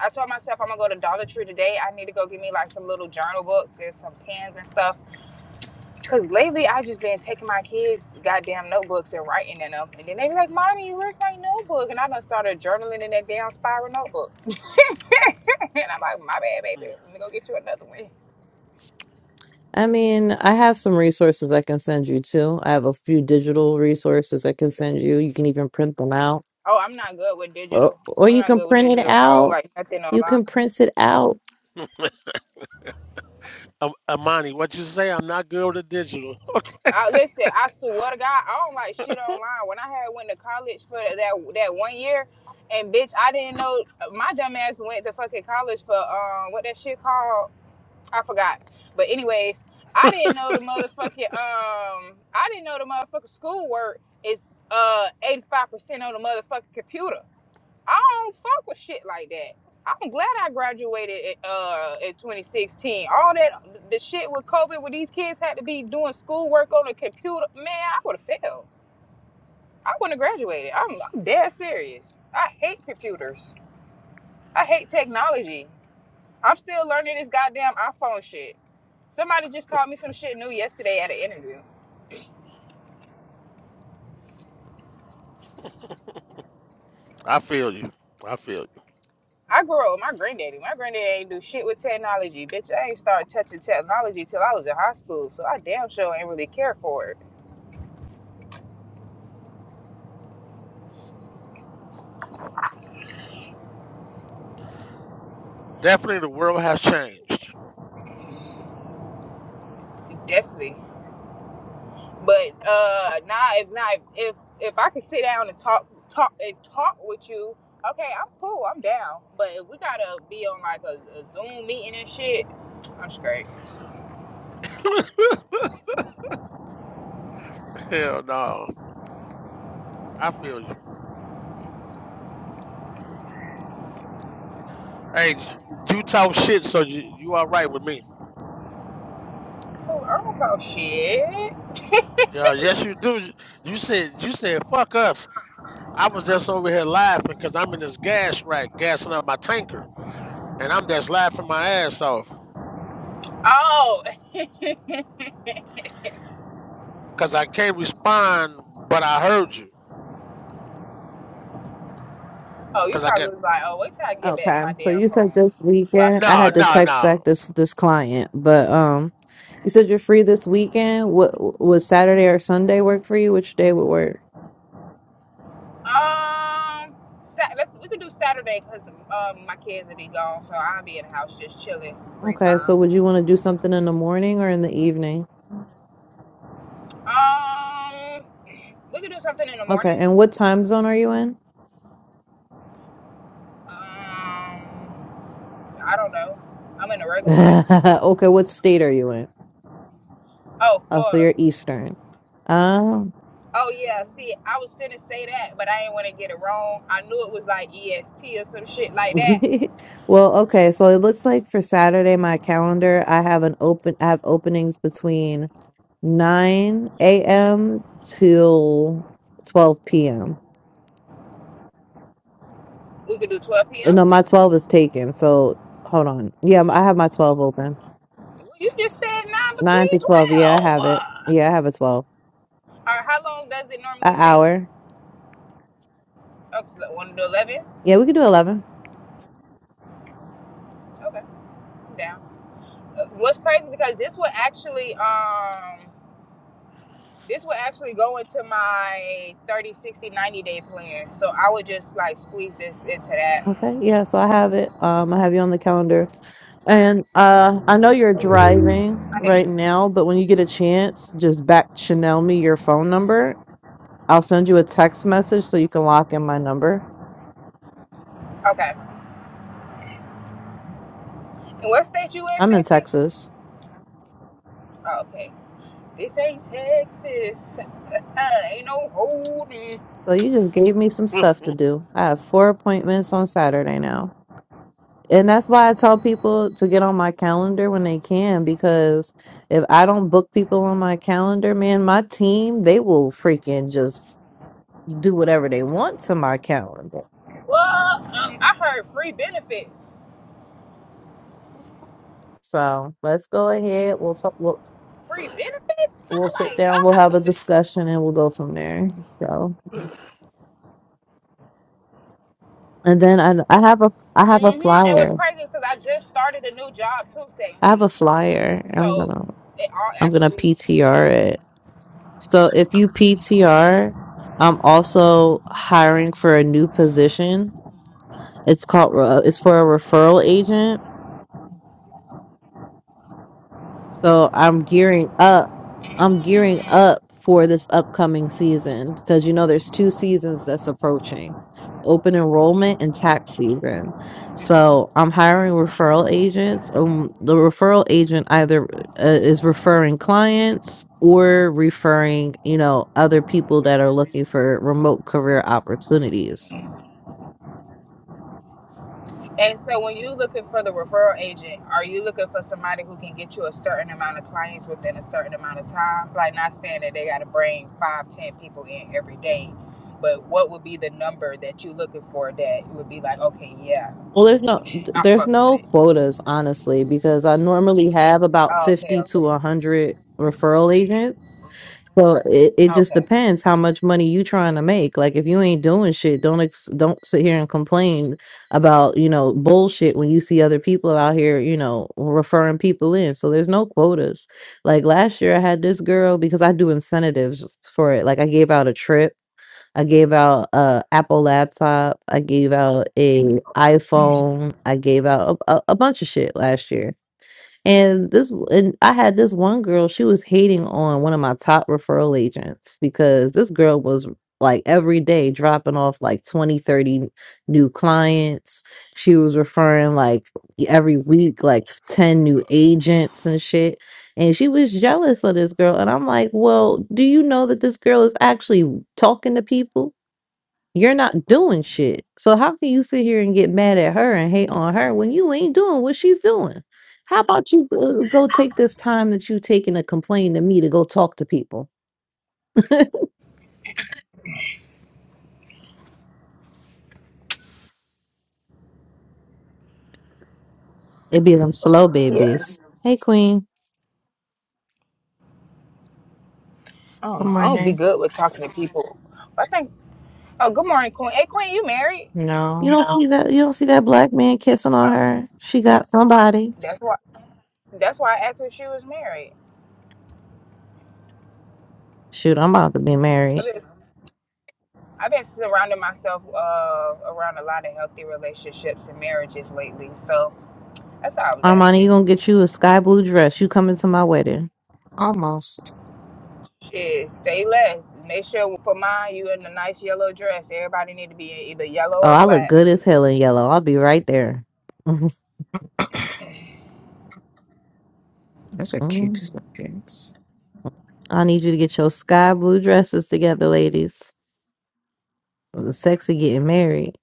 I told myself I'm gonna go to Dollar Tree today. I need to go get me like some little journal books and some pens and stuff Cause lately I just been taking my kids' goddamn notebooks and writing in them, and then they be like, "Mommy, where's my notebook?" And I done started journaling in that damn spiral notebook. and I'm like, "My bad, baby.
Mm.
Let me go get you another one."
I mean, I have some resources I can send you too. I have a few digital resources I can send you. You can even print them out,
Oh, I'm not good with
or,
digital.
or
I'm
you
not
can
good with
print it
digital. I don't
out.
like nothing
You
online.
can print it out
Am- Amani, what you say? I'm not good with the digital.
I, listen, I swear to God, I don't like shit online. When I had went to college for that that one year, and bitch, I didn't know my dumb ass went to fucking college for um what that shit called I forgot. But anyways, I didn't know the motherfucking um I didn't know the motherfucking schoolwork is uh eighty five percent on the motherfucking computer. I don't fuck with shit like that. I'm glad I graduated at, uh in 2016. All that the shit with COVID where these kids had to be doing schoolwork on the computer, man, I would have failed. I wouldn't have graduated. I'm, I'm dead serious. I hate computers. I hate technology. I'm still learning this goddamn iPhone shit. Somebody just taught me some shit new yesterday at an interview.
I feel you. I feel you.
I grew up with my granddaddy. My granddaddy ain't do shit with technology. Bitch, I ain't start touching technology till I was in high school, so I damn sure ain't really care for it.
Definitely the world has changed.
Definitely. But uh nah if not if if I could sit down and talk talk and talk with you, okay, I'm cool, I'm down. But if we gotta be on like a, a Zoom meeting and shit, I'm straight.
Hell no. I feel you. Hey, you talk shit, so you, you all right with me.
Oh, I don't talk shit.
Yeah, yes you do. You said you said fuck us. I was just over here laughing because I'm in this gas rack gassing up my tanker, and I'm just laughing my ass off.
Oh,
because I can't respond, but I heard you.
Oh, you
Because I
probably
get
was like, oh, wait till I get back to
Okay,
my
so
damn
you said
phone.
this
While
weekend.
she
I
over
no,
had
there
to
no,
talking
text back
no.
this this client, but um, you said you're free this weekend. What would Saturday or Sunday work for you? Which day would work?
shit. Um, Sa- let's we could do Saturday because um my kids will be gone, so I'll be in the house just chilling, free
Okay,
time.
so would you want to do something in the morning or in the evening?
Um, we could do something in the
Okay,
morning.
and what time zone are you in?
Um, I don't know. I'm in a regular one.
Okay, what state are you in?
Oh,
Oh, so
Florida.
you're Eastern. Um,
Oh yeah. See, I was finna say that, but I didn't want to get it wrong. I knew it was like EST or some shit like that.
well, okay, so it looks like for Saturday, my calendar, I have an open, I have openings between 9 a.m. till 12 p.m.
We could do 12
Uh,
p.m.
No, my 12 is taken. So hold on. Yeah, I have my 12 open.
You just said nine
9
between
to 12. Yeah, I have
12.
it. Yeah, I have a 12.
All right, how long does it
An
normally take?
hour.
Oh, it's like one to eleven.
Yeah, we could do 11.
Okay, I'm down. Uh, What's crazy because this would actually um this would actually go into my 30, 60, 90 day plan. So I would just like squeeze this into that.
Okay. Yeah, so I have it. Um, I have you on the calendar. And uh, I know you're driving
I need
right
it.
now, but when you get a chance, just back Chanel me your phone number. I'll send you a text message so you can lock in my number.
Okay. And what state you in,
I'm in
sexy?
Texas.
Oh, okay. This ain't Texas. Uh, ain't no holding.
So you just gave me some stuff to do. I have four appointments on Saturday now. And that's why I tell people to get on my calendar when they can because if I don't book people on my calendar, man, my team, they will freaking just do whatever they want to my calendar.
Well, um, I heard free benefits.
So, let's go ahead. We'll talk, we'll,
Free benefits?
we'll
I
sit
like
down, we'll have
God.
a discussion and we'll go from there. So, and then I I have a I have a
hmm And what's
flyer.
crazy is because I just started a new job too,
I have
sexy.
a flyer. I'm going
So
to
it all
I'm going to
actually.
PTR it So if you PTR, I'm also hiring for a new position. It's called, uh, it's for a referral agent. So I'm gearing up. I'm gearing
Mm.
up for this upcoming season because you know there's two seasons that's approaching open enrollment and tax season. So I'm hiring referral agents. Um, the referral agent either uh, is referring clients or referring, you know, other people that are looking for remote career opportunities.
And so when you looking for the referral agent, are you looking for somebody who can get you a certain amount of clients within a certain amount of time? Like not saying that they got to bring five, ten people in every day, but what would be the number that you looking for that would be like, okay, yeah,
Well, there's no th-
I
there's
fucks with
no
it.
quotas, honestly, because I normally have about
Oh, okay,
50 to
okay,
100 referral agents. Well, it, it just
okay.
depends how much money you trying to make. Like if you ain't doing shit, don't ex- don't sit here and complain about, you know, bullshit when you see other people out here, you know, referring people in. So there's no quotas. Like last year I had this girl because I do incentives for it. Like I gave out a trip, I gave out a Apple laptop, I gave out a iPhone, I gave out a, a, a bunch of shit last year and this, and I had this one girl, she was hating on one of my top referral agents because this girl was like every day dropping off like 20, 30 new clients. She was referring like every week, like 10 new agents and shit. And she was jealous of this girl. And I'm like, well, do you know that this girl is actually talking to people? You're not doing shit. So how can you sit here and get mad at her and hate on her when you ain't doing what she's doing? How about you uh, go take this time that you taking to complain to me to go talk to people? It be them slow
Yeah.
babies. Hey queen,
I don't
Good
know. I don't be
morning.
good with talking to people. I think. Oh, good morning, Queen. Hey, Queen, you married?
you
No,
don't see that you don't see that black man kissing on
Oh,
her. She got somebody.
that's why. That's why I asked if she was married.
Shoot, I'm about to be
I
married.
just, I've been surrounding myself uh, around a lot of healthy relationships and marriages lately, so that's all I was
Armani, you
asking.
gonna get you a sky blue dress. You coming to my wedding.
almost.
Shit, say less. Make sure for mine, you in a nice yellow dress. Everybody need to be in either yellow
Oh,
or
I look
black.
good as hell in yellow. I'll be right there.
Those are cute sweatpants.
I need you to get your sky blue dresses together, ladies. The sexy getting married.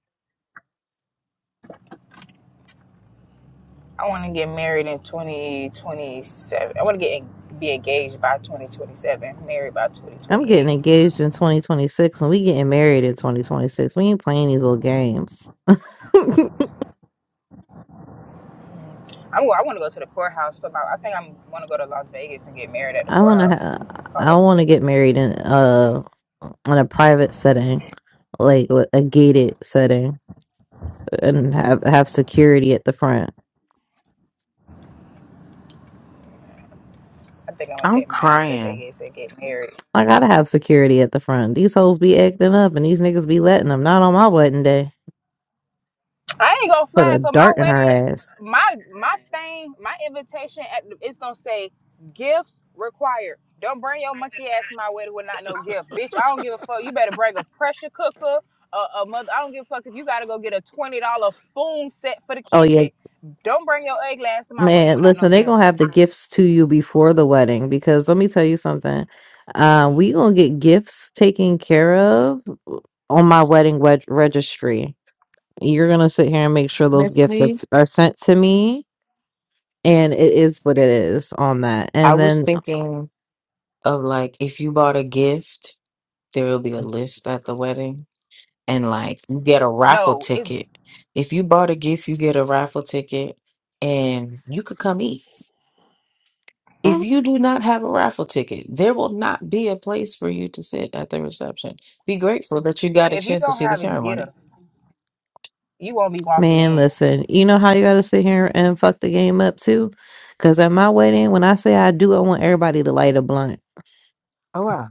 I want to get married in twenty twenty seven. I want to get en- be engaged by twenty twenty seven, married by twenty
I'm
twenty
getting
eight.
engaged in 2026, and we getting married in 2026. We ain't playing these little games. I
I'm go- I want to go to the poorhouse for about. I think I'm want to go to Las Vegas and get married at the
wanna,
poorhouse.
ha-
Call
I
it. a
wanna
day.
get married in uh in a private setting, like with a gated setting, and have have security at the front.
I think I'm gonna
I'm
take my ass to
crying.
Vegas and get married.
I gotta have security at the front. These hoes be acting up, and these niggas be letting them. Not on my wedding day.
I ain't gonna
Put a
fly for my
dart in her
wedding.
ass.
My my thing, my invitation at the, it's gonna say gifts required. Don't bring your monkey ass to my wedding with not no gift, bitch. I don't give a fuck. You better bring a pressure cooker. A, a mother. I don't give a fuck if you gotta go get a twenty dollar spoon set for the
Oh yeah,
kitchen. Don't bring your egg glass to my wedding
Man,
without no
listen, they're
gift.
gonna have the gifts to you before the wedding because let me tell you something. Uh, we gonna get gifts taken care of on my wedding wed- registry. You're gonna sit here and make sure those gifts are,
Honestly,
are sent to me, and it is what it is on that.
I
And
was
then,
thinking of like if you bought a gift, there will be a list at the wedding, and like you get a raffle
No, it's
ticket. If you bought a gift, you get a raffle ticket, and you could come eat. If
mm,
you do not have a raffle ticket, there will not be a place for you to sit at the reception. Be grateful that you got a
if you
chance to
don't
see the
have a
ceremony.
gift, you won't be walking
man,
in.
listen, you know how you gotta sit here and fuck the game up too? Because at my wedding, when I say I do, I want everybody to light a blunt.
Oh wow.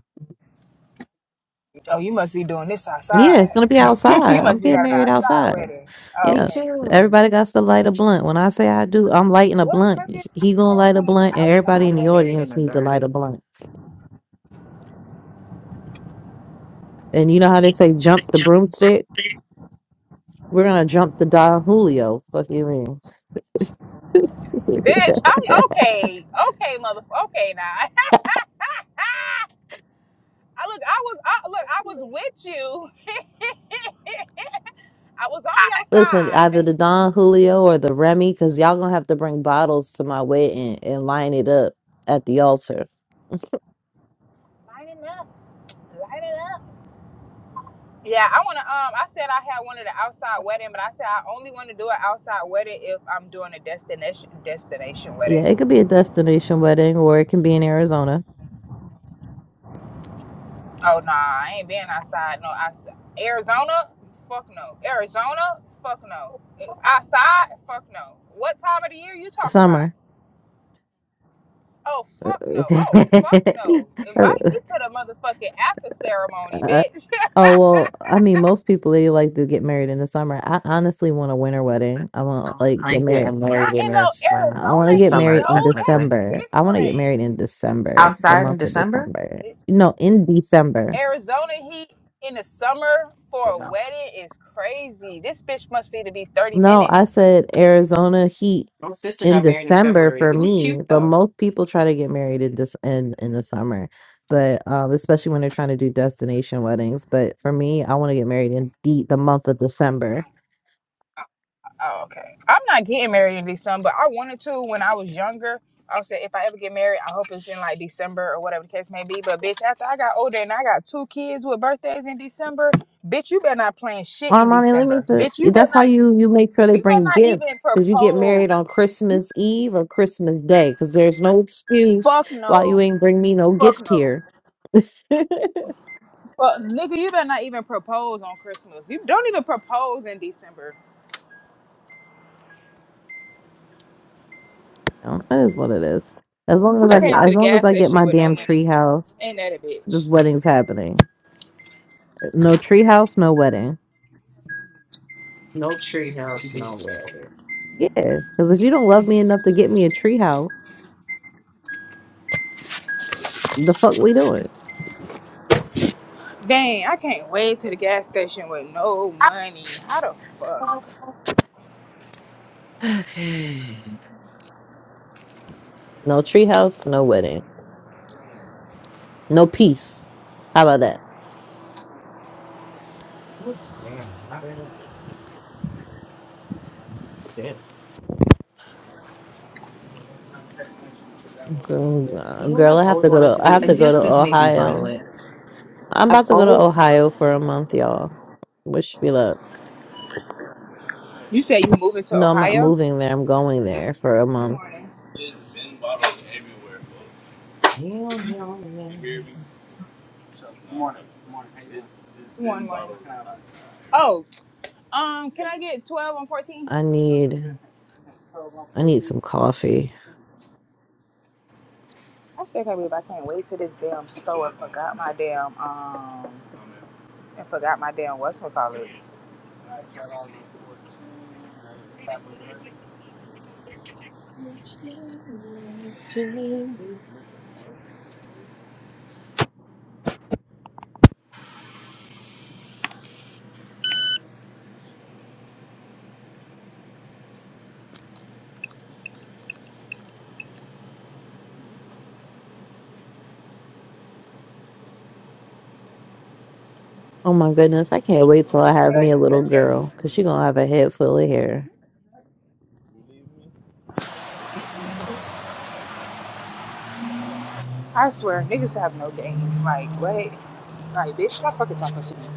Oh, you must be doing this
Yeah, it's
outside.
gonna be outside.
you
Yeah.
I'm
must be
getting
having an
married
outside
outside.
wedding. Oh,
Me
Yeah.
okay.
too.
Everybody got to light a blunt. When I say I do, I'm lighting a
What's
blunt.
crazy is I
He
said
gonna
I
light a
wanted an
blunt and
outside
I'm
everybody in the
getting married
wedding.
in
audience
a
needs to light a
garden.
blunt. And you know how they say jump the broomstick? We're gonna jump the Don Julio. Fuck you mean.
Bitch, I'm okay. Okay, motherfucker. Okay, now. I look, I was, I, look, I was with you. I was on your
Listen, either the Don Julio or the Remy, because y'all gonna have to bring bottles to my wedding and line it up at the altar.
side. Yeah, I wanna um I said I had one of the outside wedding, but I said I only wanna do an outside wedding if I'm doing a destination destination
Yeah,
wedding.
it could be a destination wedding or it can be in Arizona.
Oh nah, I ain't being outside no outside. Arizona? Fuck no. Arizona? Fuck no. Outside? Fuck no. What time of the year you talking about?
Summer.
Oh fuck no.
Okay.
Oh fuck no. Invite me to the motherfucking after ceremony,
Uh,
bitch.
oh well, I mean most people they like to get married in the summer. I honestly want a winter wedding. I want like get
I'm
married.
getting
Not
married in
in no
the spring.
I want to
The
Arizona
get
heat
summer
married in
though. That's
technically.
December. I want to get
different.
married in December, the
Outside in
month of
December?
December. No, in December.
Arizona heat in the summer for a
No.
wedding is crazy. This bitch must be to be 30
No, I
minutes.
said Arizona heat
My sister
in
got married in
December
February.
for
It was
me,
cute
but
though.
most people try to get married in this in, in the summer. But um, especially when they're trying to do destination weddings. But for me, I want to get married in the, the month of December.
Oh, okay. I'm not getting married in December. but I wanted to when I was younger. I said if I ever get married, I hope it's in like December or whatever the case may be. But bitch, after I got older and I got two kids with birthdays in December, bitch, you better not plan shit in
Armani, let me.
December.
Th-
Bitch, you better
that's how
not
you you make sure they
you better
bring
not even
gifts because you get married on
propose. You
Christmas Eve or Christmas Day because there's no excuse
fuck
why you
no.
ain't bring me no
Fuck
gift
no.
here.
Well, nigga, you better not even propose on Christmas. You don't even propose in December.
You know, that is what it is. As long
Who
as
I
I
does
get,
came
not?
to
as
the
long as
gas
I get
station
my
with no
damn
money.
tree house
Ain't that a
this
bitch?
wedding's happening. No treehouse, no wedding.
No tree house, no way.
Yeah, because if you don't love me enough to get me a treehouse, the fuck we doing?
Dang, I can't wait to the gas station with no money. How the fuck?
Okay. No treehouse, no wedding, no peace. How about that,
Ooh, damn. I mean, damn.
girl? uh,
You know what
Girl,
I've
I have
always
to go
wanted to
to I
do?
have to
And
go to
yes, this may be
Ohio.
violent.
I'm about
I've
to go to
always
Ohio for a month, y'all. Wish me luck.
You said you moving to
No, I'm not
Ohio?
moving there. I'm going there for a
Good
month.
morning. Oh, um, can I get twelve and fourteen?
I need I need some coffee.
I still can't believe I can't wait to this damn store and forgot my damn um and forgot my damn what's call it.
Oh my goodness, I can't wait till I have me a little girl because she gonna have a head full of hair.
I swear, niggas have no game. Like, what? Like, bitch, stop fucking talking to me.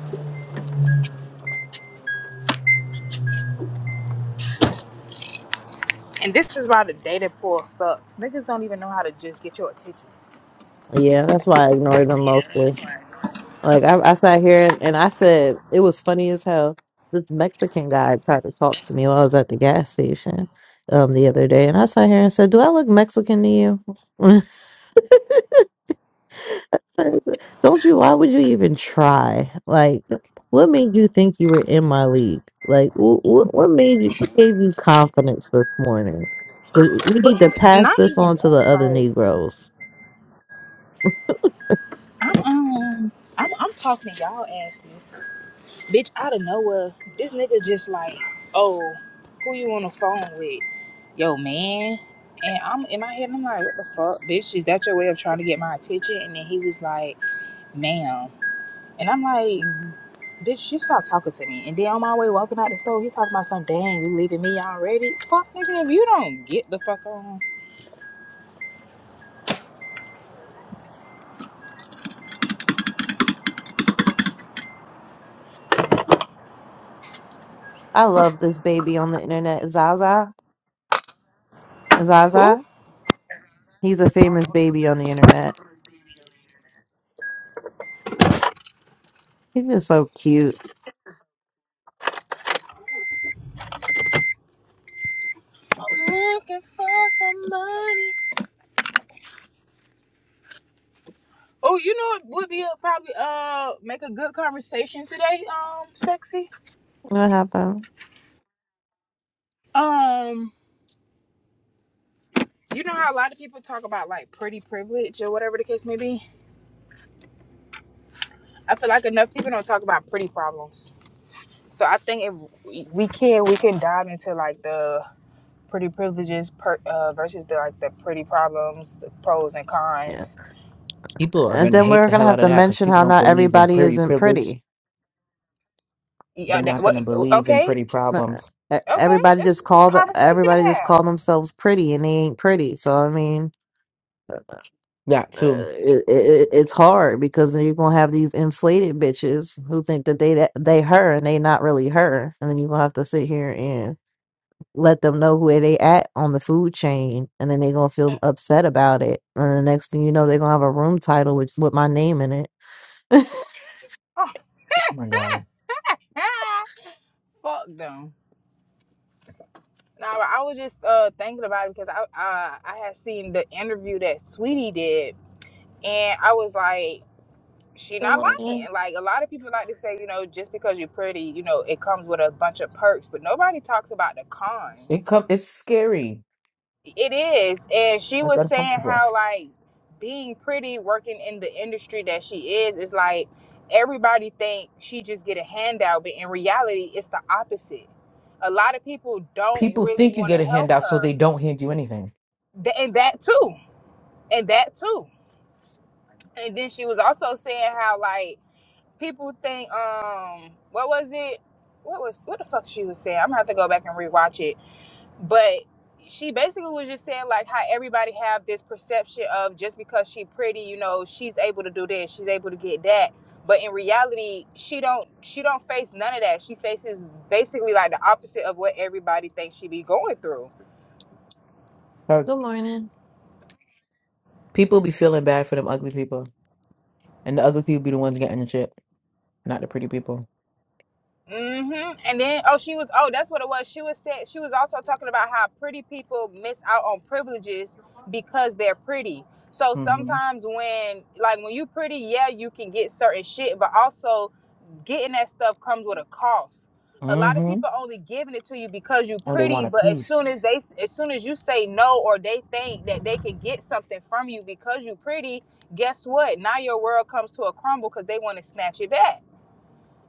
And this is why the data pool sucks. Niggas don't even know how to just get your attention.
Yeah, that's why I ignore them mostly.
But
Like I, I sat here and, and I said it was funny as hell. This Mexican guy tried to talk to me while I was at the gas station um the other day, and I sat here and said, "Do I look Mexican to you?" Don't you? Why would you even try? Like, what made you think you were in my league? Like, what, what made you? What gave you confidence this morning? 'Cause You need to pass
not
this
even
on to the
that.
other
Like
Negroes.
I'm um I'm, I'm talking to y'all asses, bitch. Out of nowhere, this nigga just like, oh, who you on the phone with? Yo, man. And I'm in my head, I'm like, what the fuck, bitch? Is that your way of trying to get my attention? And then he was like, ma'am. And I'm like,
Mhm.
Bitch, you stop talking to me. And then on my way walking out the store, he's talking about some dang, you leaving me already? Fuck nigga, if you don't get the fuck on.
I love this baby on the internet, Zaza.
Who?
Zaza. He's a famous baby on the internet. He's just so cute.
I'm looking for some Oh, you know what would be a probably uh make a good conversation today, um, sexy?
What happened?
Um, you know how a lot of people talk about like pretty privilege or whatever the case may be? I feel like enough people don't talk about pretty problems. So I think if we can, we can dive into like the pretty privileges per, uh, versus the like the pretty problems, the pros and cons.
People are
And
gonna
then
hate
we're
the
gonna
hell
have
out of
to
that because
mention
people
how
don't
not
believe in
everybody
pretty
isn't
privilege.
pretty.
They're
Yeah, that,
not gonna
what,
believe in
okay,
pretty
Not-
problems.
e-
okay,
Everybody
it's,
just
it's
call the
conversation to
everybody just call
have.
themselves pretty, and they ain't pretty. So I mean, uh,
That
uh,
too.
it, it, it's hard because then you're gonna have these inflated bitches who think that they that they her and they not really her, and then you're gonna have to sit here and let them know where they at on the food chain, and then they gonna feel upset about it. And the next thing you know, they're gonna have a room title with with my name in it. Good
Oh.
Oh my God.
Fuck them. No, I was just uh, thinking about it because I uh, I had seen the interview that Sweetie did, and I was like, she not
morning.
lying. Like a lot of people like to say, you know, just because you're pretty, you know, it comes with a bunch of perks, but nobody talks about the cons.
It come. It's scary.
It is. And she
It's
was saying
uncomfortable.
how like being pretty, working in the industry that she is, is like everybody think she just get a handout, but in reality it's the opposite. A lot of people don't
People
really
think you
want
get
to
a
help
handout, so they
her.
don't hand you anything.
Th- And that too. And that too. And then she was also saying how like people think um what was it? What was what the fuck she was saying? I'm gonna have to go back and rewatch it. but she basically was just saying like how everybody have this perception of just because she pretty you know she's able to do this she's able to get that but in reality she don't she don't face none of that she faces basically like the opposite of what everybody thinks she be going through
Uh,
Good morning.
People be feeling bad for them ugly people. And the ugly people be the ones getting the chip, not the pretty people.
hmm And then, oh, she was, oh, that's what it was. She was said she was also talking about how pretty people miss out on privileges because they're pretty. So
Mm-hmm.
sometimes when, like, when you pretty, yeah, you can get certain shit, but also getting that stuff comes with a cost. A lot of
Mm-hmm.
people only giving it to you because you
Oh, they want
pretty,
a
but as
piece.
soon as they, as soon as you say no, or they think that they can get something from you because you pretty, guess what? Now your world comes to a crumble because they want to snatch it back,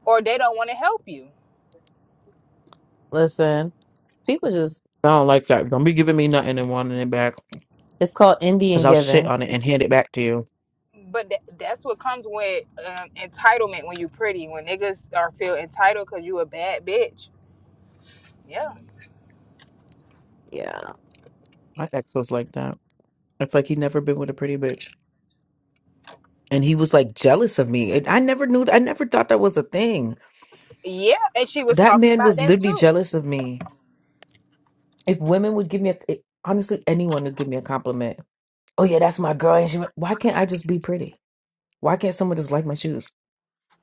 or they don't want to help you.
Listen, people just.
I don't like that. Don't be giving me nothing and wanting it back.
It's called
Because
Indian
I'll shit
Giving.
on it and hand it back to you.
but tha- that's what comes with um, entitlement when you pretty when niggas are feel entitled because you a bad bitch yeah
Yeah,
My ex was like that. It's like he never been with a pretty bitch. And he was like jealous of me. And I never knew I never thought that was a thing.
yeah and she was
That
talking
man
about
was
that
literally
too
jealous of me. If women would give me a, it- honestly, anyone would give me a compliment. Oh yeah, that's my girl. And she, why can't I just be pretty? Why can't someone just like my shoes?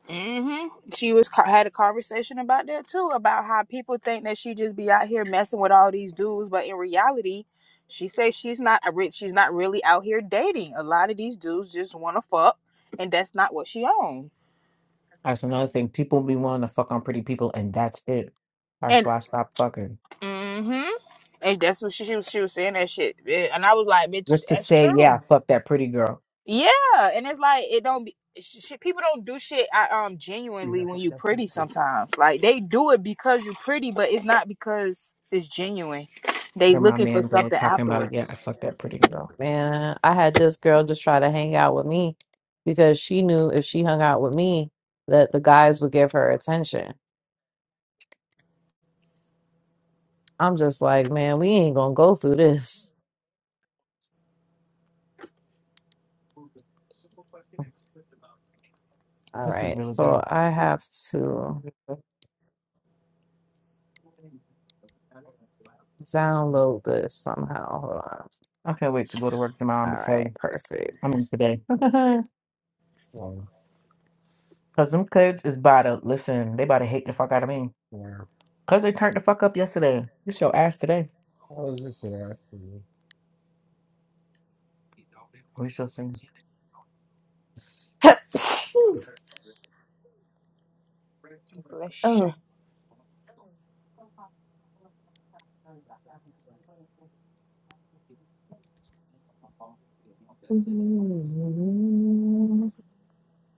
hmm she was co- had a conversation about that too about how people think that she just be out here messing with all these dudes but in reality she says she's not a rich she's not really out here dating a lot of these dudes just want to fuck and that's not what she own
That's another thing. People be wanting to fuck on pretty people, and that's it. All right, so
and
I stopped fucking
hmm and that's what she, she was she was saying that shit Yeah, and i was like bitch
just to
that's
say, yeah, I
true
fucked that pretty girl.
Yeah, and it's like it don't be sh- shit. People don't do shit I, um
Yeah,
genuinely
I
when
fucked
you
that pretty
pretty.
girl.
Sometimes like they do it because you're pretty, but it's not because it's genuine. They
Here my
looking for
man go
something
talking about, yeah, I
afterwards.
fucked that pretty girl.
man. I had this girl just try to hang out with me because she knew if she hung out with me that the guys would give her attention. I'm just like, man, we ain't gonna go through this. All
This is
right,
really
so
good.
I have to download this somehow. Hold on.
I can't wait to go to work tomorrow
All
because
right,
I mean
perfect.
today. Wow. Cause them kids is about to listen. They about to hate the fuck out of me. Wow. Cause they turned the fuck up yesterday. It's your ass today. I was looking at you. We shall see.
Bless you.
oh.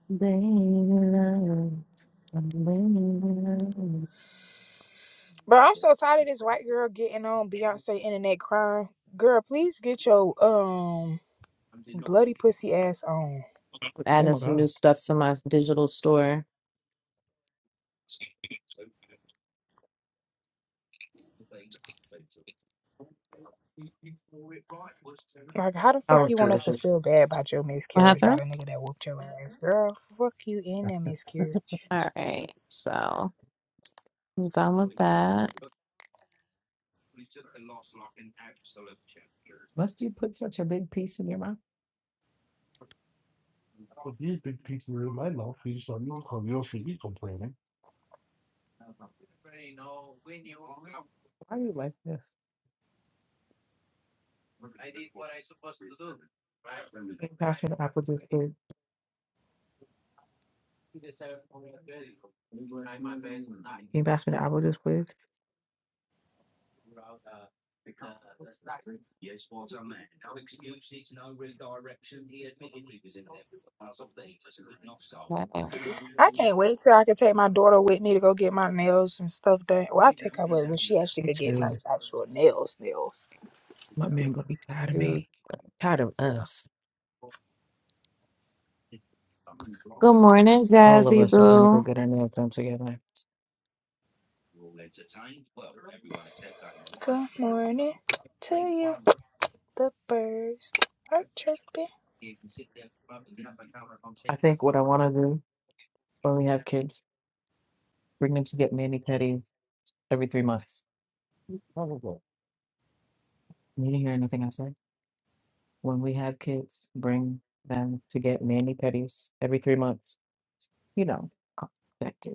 Baby love, baby love.
Bro, I'm so tired of this white girl getting on Beyonce internet crying. Girl, please get your um bloody pussy ass on.
I'm
Oh
adding
my
some new
god.
stuff to my digital store.
Like, how the
I
fuck
was
you want us to
delicious.
feel bad about your
What
miscarriage by
happened?
the nigga that whooped your ass? Girl, fuck you in that miscarriage.
All right, so I'm done with that.
Must you put such a big piece in your mouth? With these big pieces in my mouth, you just don't know how you do should be complaining. Why do you like this? apple juice, please? Can apple juice, please?
Okay.
I can't wait till I can take my daughter with me to go get my nails and stuff done. Well, I take her with when she actually
Me
could
too.
get like actual nails, nails.
You'll be tired of
Good
me. Tired of us.
morning,
All of
Jazzy
us are going to
Boo.
go
Let's
get our nails done together.
Good morning to you. The birds are chirping.
Like what I want to do when we have kids, bring them to get mani pedis every three months. Probably. You didn't hear anything I said. When we have kids, bring them to get mani pedis every three months. You know, effective.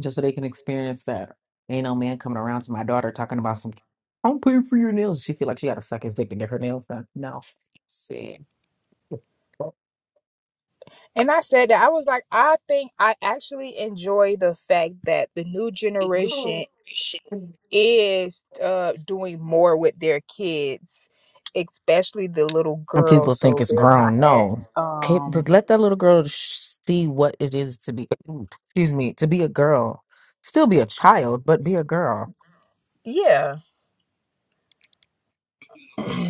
just so they can experience that. Ain't no man coming around to my daughter talking about some. I'm paying for your nails. She feel like she got to suck his dick to get her nails done. No,
see,
And I said that I was like, I think I actually enjoy the fact that the new generation is uh doing more with their kids, especially the little
and people
girls,
think
so
it's
they're not
grown. No,
as
okay, th-
um
let that little girl sh- see what it is to be. Excuse me, to be a girl, still be a child, but be a girl.
yeah.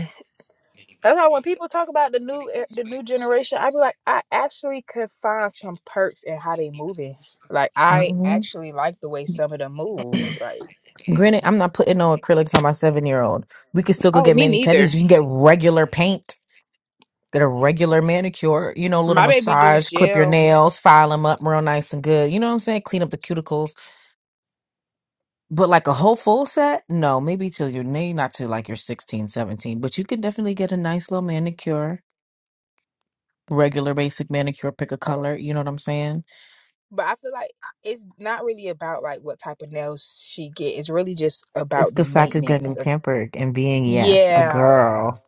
That's why when people talk about the new er- the new generation, I be like, I actually could find some perks in how they moving. Like I
hmm
actually like the way some of them move. Like
Granted, I'm not putting no acrylics on my seven year old. We can still go
Oh,
get
me
mani pedis.
neither.
You can get regular paint. get a regular manicure, you know, little
My baby do
massage, clip your
jail.
nails, file them up real nice and good. You know what I'm saying? Clean up the cuticles. But like a whole full set? No, maybe till you're maybe not till like you're 16, seventeen, but you can definitely get a nice little manicure, regular basic manicure, pick a color. You know what I'm saying?
but I feel like it's not really about like what type of nails she get. It's really just
It's
about the
the fact of
maintenance
getting pampered and being, yes, a
Yeah.
girl.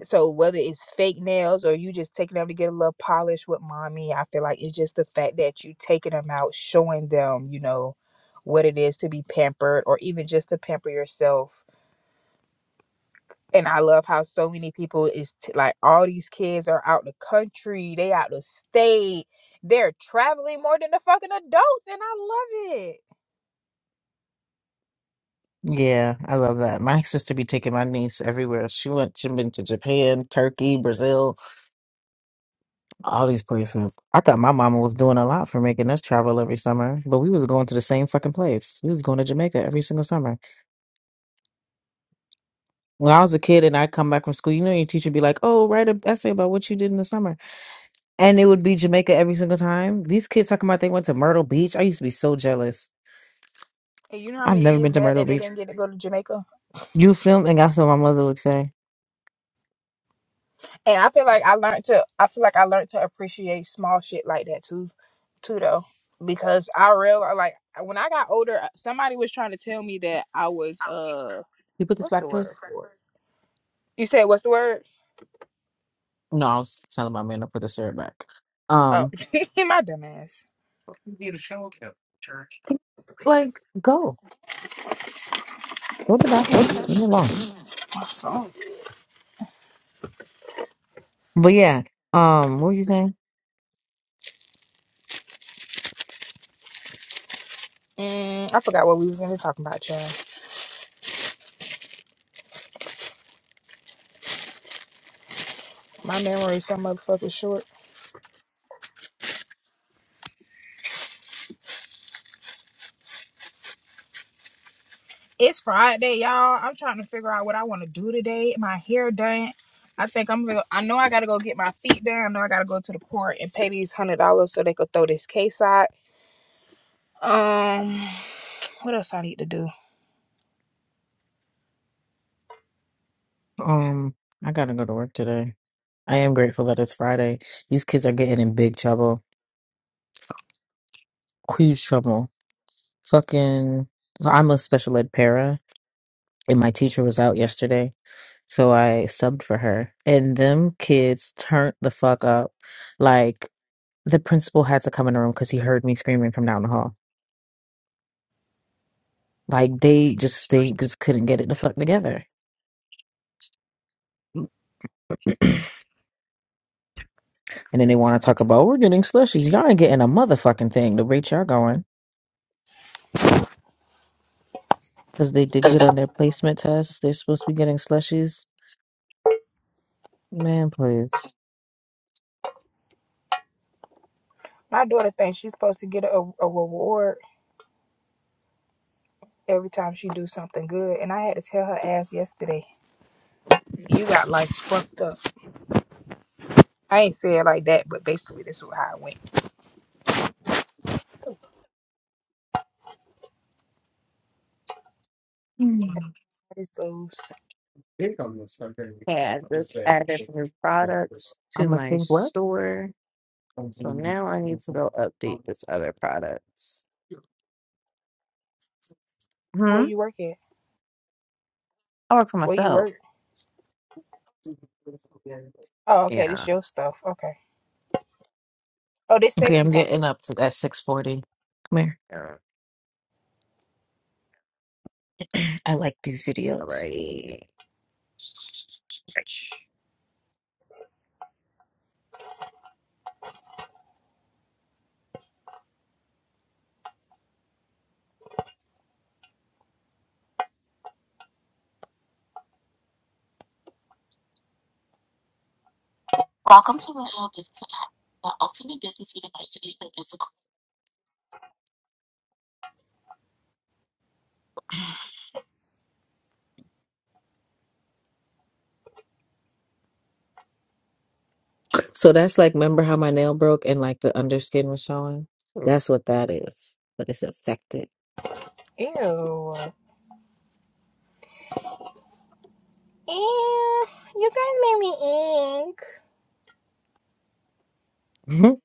So whether it's fake nails or you just taking them to get a little polish with mommy, I feel like it's just the fact that you taking them out, showing them, you know, what it is to be pampered or even just to pamper yourself. And I love how so many people is t- like all these kids are out the country, they out the state, they're traveling more than the fucking adults, and I love it.
Yeah, I love that. My sister be taking my niece everywhere. She went, she been to Japan, Turkey, Brazil. All these places. I thought my mama was doing a lot for making us travel every summer, but we was going to the same fucking place. We was going to Jamaica every single summer. When I was a kid and I'd come back from school, you know, your teacher be like, oh, write an essay about what you did in the summer. And it would be Jamaica every single time. These kids talking about they went to Myrtle Beach. I used to be so jealous.
And you know how
I've
many
never been
kids
to
mad
Myrtle
that they
Beach.
didn't get to go to Jamaica?
You film, and that's what my mother would say.
And I feel like I learned to I feel like I learned to appreciate small shit like that too too though. Because I realized like when I got older, uh, somebody was trying to tell me that I was uh
You put this
what's the
back,
word
please.
for it? You said what's the word?
No, I was telling my man to put the syrup back.
Oh
Um,
my dumb ass.
like go go to the bathroom. Leave me alone.
My song.
But yeah, um, what were you saying?
Mm, I forgot what we was in here talking about, child. My memory is some motherfucking short. It's Friday, y'all. I'm trying to figure out what I want to do today. My hair done. I think I'm real. I know I gotta go get my feet done. I know I gotta go to the court and pay these hundred dollars so they could throw this case out. Um, what else I need to do?
Um, I gotta go to work today. I am grateful that it's Friday. These kids are getting in big trouble. huge trouble. Fucking, I'm a special ed para, and my teacher was out yesterday, so I subbed for her. And them kids turned the fuck up. Like the principal had to come in the room because he heard me screaming from down the hall. Like they just they just couldn't get it the fuck together. And then they want to talk about we're getting slushies. Y'all ain't getting a motherfucking thing. The rate y'all going because they did good on their placement test. They're supposed to be getting slushies. Man, please.
My daughter thinks she's supposed to get a, a reward every time she do something good, and I had to tell her ass yesterday. You got like fucked up. I ain't say it like that, but basically this is how it went. This goes.
yeah, I just added new products to
I'm gonna
my
think what.
store. So now I need to go update this other products.
Where
Hmm.
you work at?
I work for
Where you
myself.
work? Oh, okay.
Yeah,
This your stuff. Okay. Oh, this
Okay,
sexy
I'm
talking.
getting up to that 640. Come here.
uh,
I like these
all
videos.
right.
So that's like, remember how my nail broke and like the underskin was showing? That's what that is, but it's affected.
Ew. Ew. You guys made me ink.
Mhm.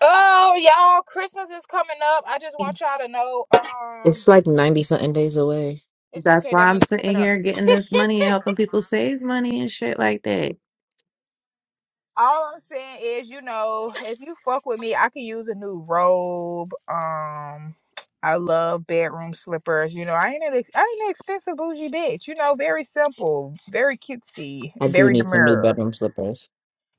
Oh, y'all, Christmas is coming up. I just want y'all to know, um,
It's like 90 something days away.
it's
That's
okay.
why
That
I'm
means it's
sitting
coming up.
here getting this money and helping people save money and shit like that.
All I'm saying is, you know, if you fuck with me, I can use a new robe. Um, I love bedroom slippers. You know, I ain't an ex- I ain't an expensive bougie bitch. You know, very simple, very cutesy,
I do
very
need some new
demure.
bedroom slippers.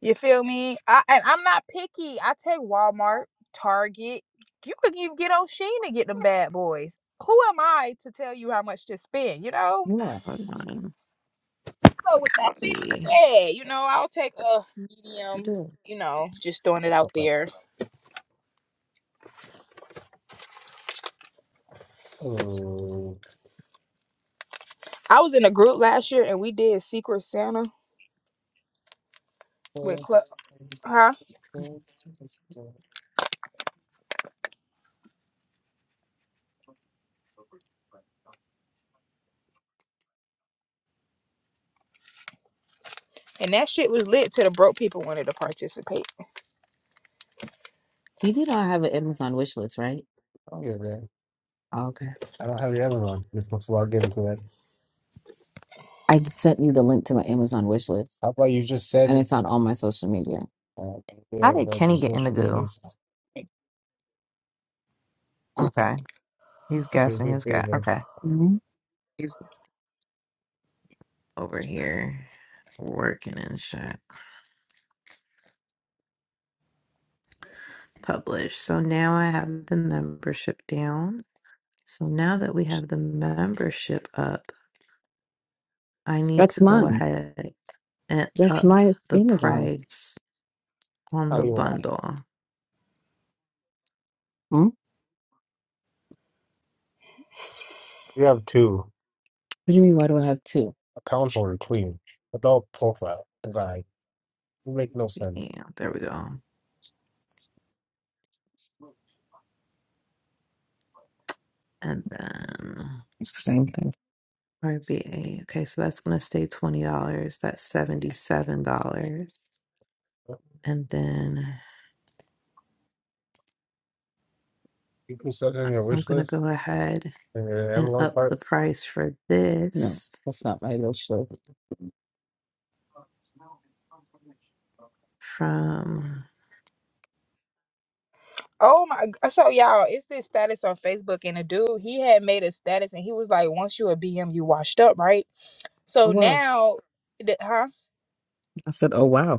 You feel me? I and I'm not picky. I take Walmart, Target. You could even get O'Sheen to get them bad boys. Who am I to tell you how much to spend? You know.
Yeah,
Hold on, let's
So with that being
see.
said, you know I'll take a medium.
You
You know, just throwing it out there.
do.
I was in a group last year and we did Secret Santa with club, huh?
You
And that shit was lit till the broke people wanted to participate.
do not have an Amazon wish list, right? I don't get that. Oh, okay. I don't have your Amazon. You're supposed to log into that. I sent you the link to my Amazon wish list, How about you just said? and said it's on all my social media. uh,
How
yeah,
did
about your
Kenny get in the
social
goo?
medias? I
Okay. He's
think
guessing
we
his guy.
favor.
Okay.
Mhm.
Over here working and shit. Publish. So now I have the membership down. So now that we have the membership up, I need to
That's
go
mine.
ahead and
That's
up
my
the
Amazon.
price on
How
the
you want?
bundle.
Hmm? What You have two do you mean? Why do I have two? accounts or clean adult profile. Like, it make no sense.
Yeah, there we go. And then
It's the same thing.
RBA. Okay, so that's going to stay $20. That's $77. And then
You put something on your
I'm
wish
going to
list
go ahead
in your
and
Amazon
up
cart?
the price for
No,
this
that's not my real show.
from
Oh my! g- So y'all, it's this status on Facebook, and a dude he had made a status, and he was like, "Once you a BM, you washed up, right?"
Oh,
So
wow.
now, the, huh?
I said, oh, wow.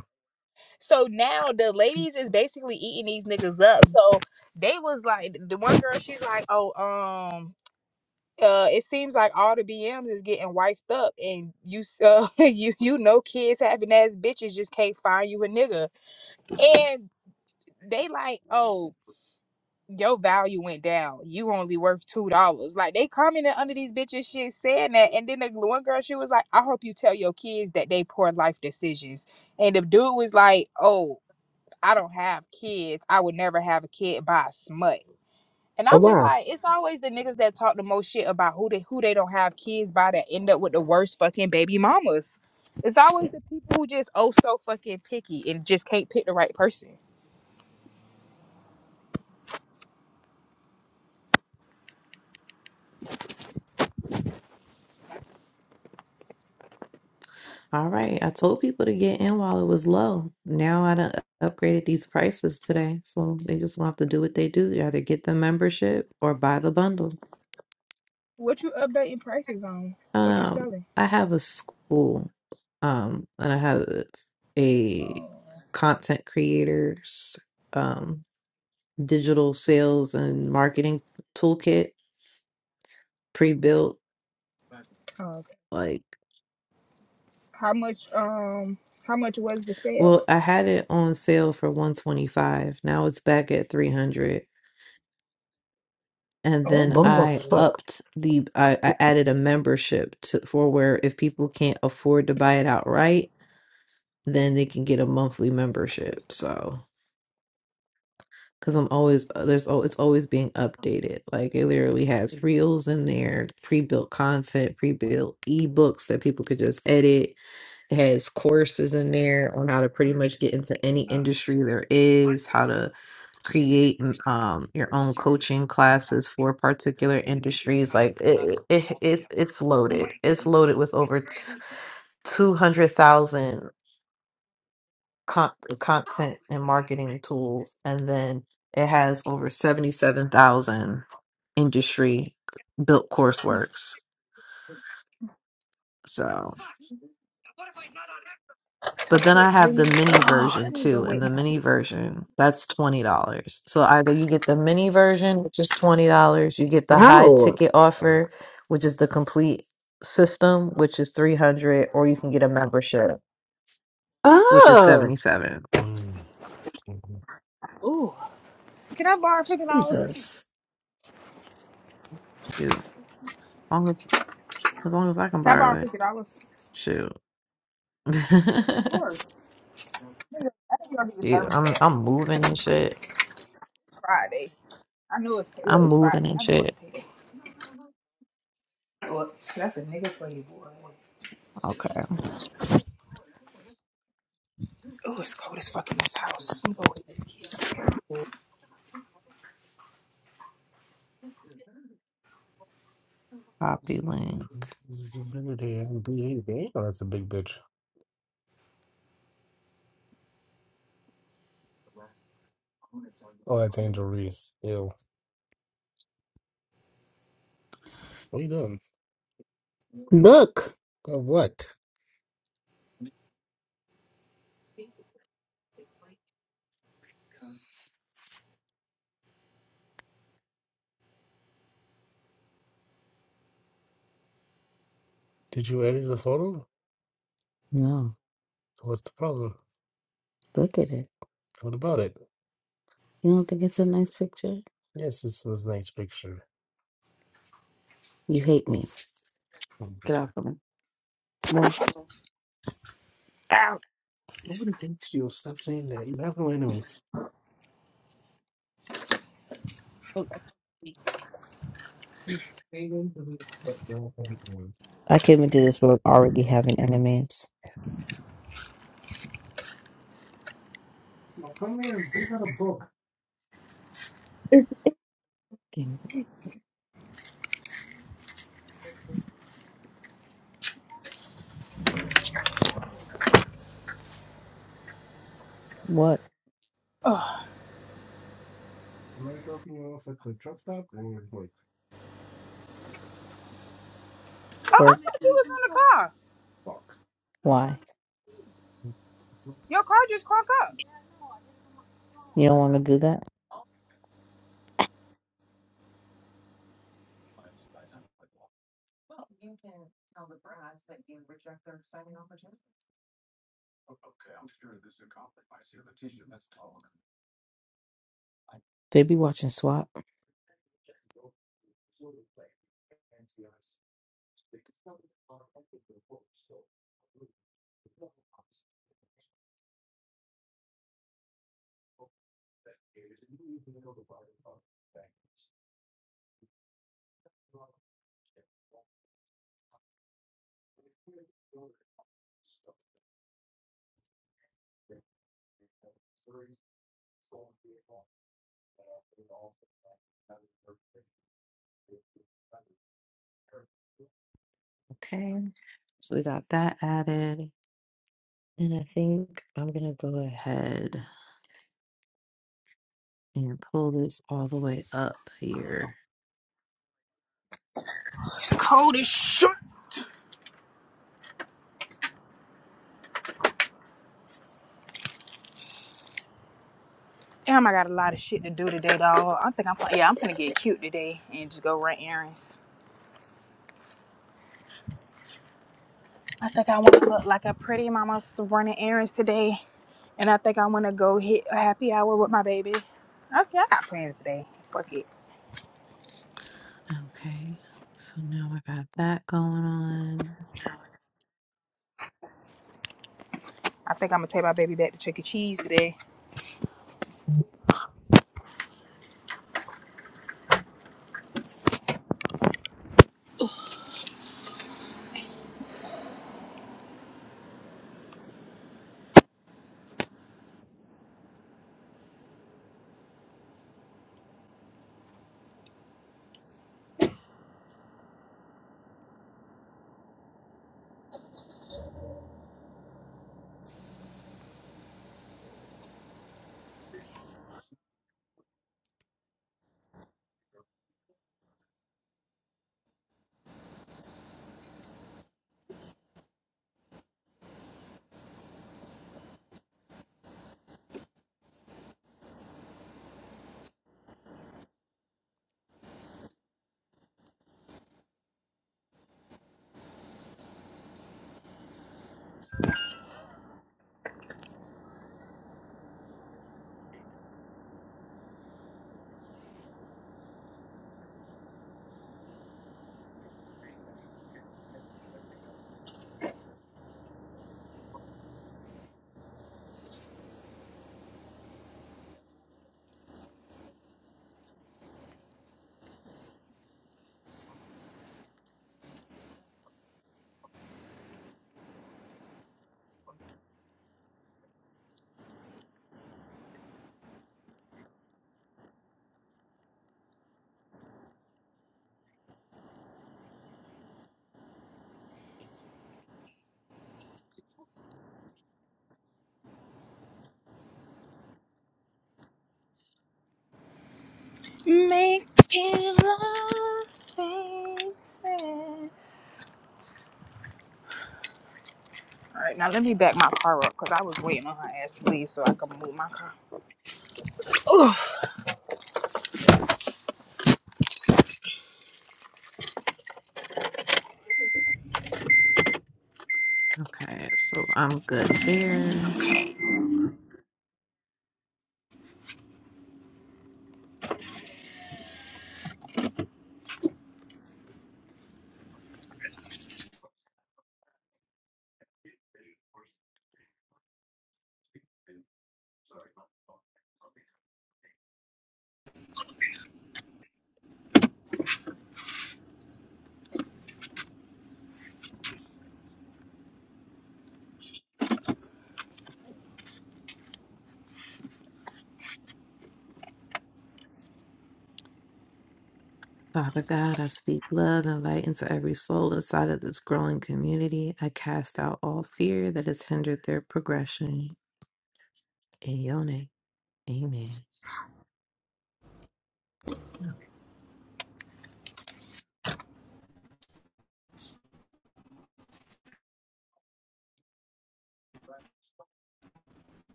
So now the ladies is basically eating these niggas up. So they was like, the one girl, she's like, oh, um, uh, it seems like all the BMs is getting wifed up, and you, s- uh, you, you know, kids having ass bitches just can't find you a nigga, and they like, oh. your value went down. You only worth two dollars. Like they commented under these bitches shit saying that. And then the one girl, she was like, I hope you tell your kids that they poor life decisions. And the dude was like, Oh, I don't have kids. I would never have a kid by a smut. And
Oh,
I'm just
wow.
like, it's always the niggas that talk the most shit about who they who they don't have kids by that end up with the worst fucking baby mamas. It's always the people who just oh so fucking picky and just can't pick the right person.
All right. I told people to get in while it was low. Now I done upgraded these prices today. So they just gonna have to do what they do. Either get the membership or buy the bundle.
What you updating prices on? What you
Um,
selling?
I have a school, um, and I have a
Oh.
content creators, um, digital sales and marketing toolkit pre-built.
Oh, okay.
Like,
How much um how much was the sale?
well, I had it on sale for 125. Now it's back at 300. and then
Bumble.
Oh,
I
huh.
upped the I, I
Oh,
added a membership to for where if people can't afford to buy it outright, then they can get a monthly membership. So because I'm always uh, there's al- it's always being updated. Like it literally has reels in there, pre-built content, pre-built ebooks that people could just edit it has courses in there on how to pretty much get into any industry there is, how to create m- um, your own coaching classes for particular industries. Like it, it, it, it's it's loaded. It's loaded with over t- two hundred thousand con- content and marketing tools, and then it has over seventy seven thousand industry built courseworks. So But
touch
then I
it,
have
bring
the
it.
mini
Oh,
version
let me go
too, and
wait.
the mini version that's twenty dollars. So either you get the mini version, which is twenty dollars, you get the high ticket offer, which is the complete system, which is three hundred, or you can get a membership, which is
oh,
seventy seven.
Can I borrow fifty dollars? Can
Jesus.
Shoot, long as, as long as I can
I borrow
borrow it.
fifty dollars?
Shoot,
Of course. Let me go let me go get the
shoot, I'm
thermostat.
I'm moving and shit.
It's Friday. I know it's pay- look.
I'm
It's
moving
Friday.
and
I know it's
shit.
payday. Oh, that's a nigga for you, boy.
Okay.
Oh, it's cold as fuck in this house. Let me go wait these kids. Oh,
Copy link.
That's a big bitch. Oh, that's Angel Reese. Ew. What are you doing? Look. Of what? Did you edit the photo? No, So what's the problem? look at it. What about it? You don't think it's a nice picture? Yes, this is a nice picture. You hate me. Mm. Get off of me. Move. Ow! Nobody hates you. Stop saying that. You have no enemies. I can't even do this without already having enemies. Now come here and pick out a book. What
oh
Am I dropping you off at the truck stop and you're like,
I
work?
thought you was in the car.
fuck? Why?
Your car just crunk up.
You don't want to do that? They be watching SWAT.
It's cold as shit. Damn, I got a lot of shit to do today, dog. I think I'm yeah, I'm gonna get cute today and just go run errands. I think I want to look like a pretty mama running errands today, and I think I want to go hit a happy hour with my baby. Okay, I got plans today. Fuck it. I think I'm gonna take my baby back to Chuck E. Cheese today. All right, now let me back my car up because I was waiting on her ass to leave so I could move my car. Ooh,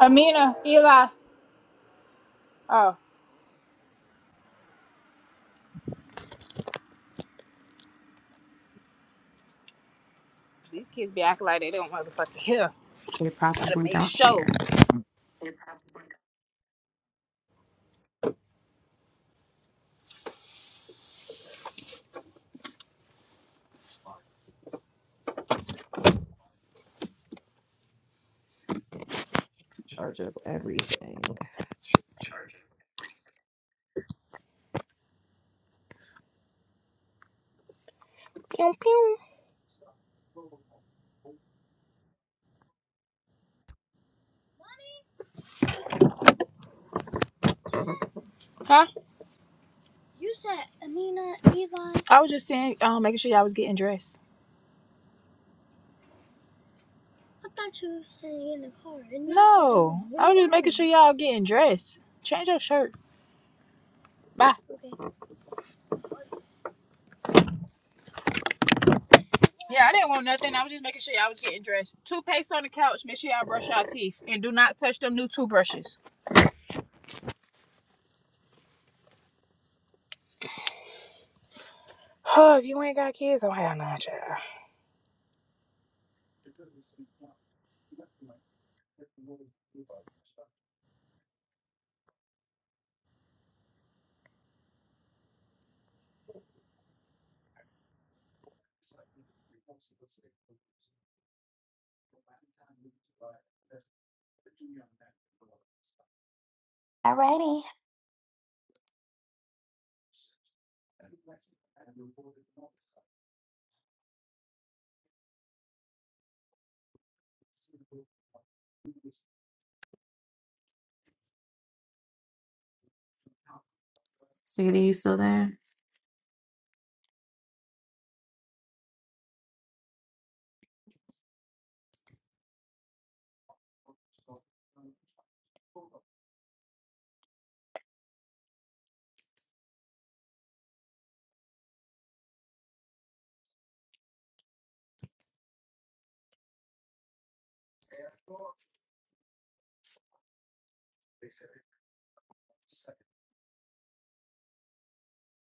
Amina, Eli. These kids be acting like they don't motherfucking hear.
You're proper.
Gotta make sure. Pew, pew. You said Amina, Eva. I was just saying, um, making sure y'all was getting dressed. I thought you were sitting in the car, and No, I was just making sure y'all getting dressed. Change your shirt. Bye. Okay. Yeah, I didn't want nothing. I was just making sure y'all was getting dressed. Toothpaste on the couch. Make sure y'all brush y'all teeth and do not touch them new toothbrushes. Oh, if you ain't got kids, don't have none, child.
Alrighty.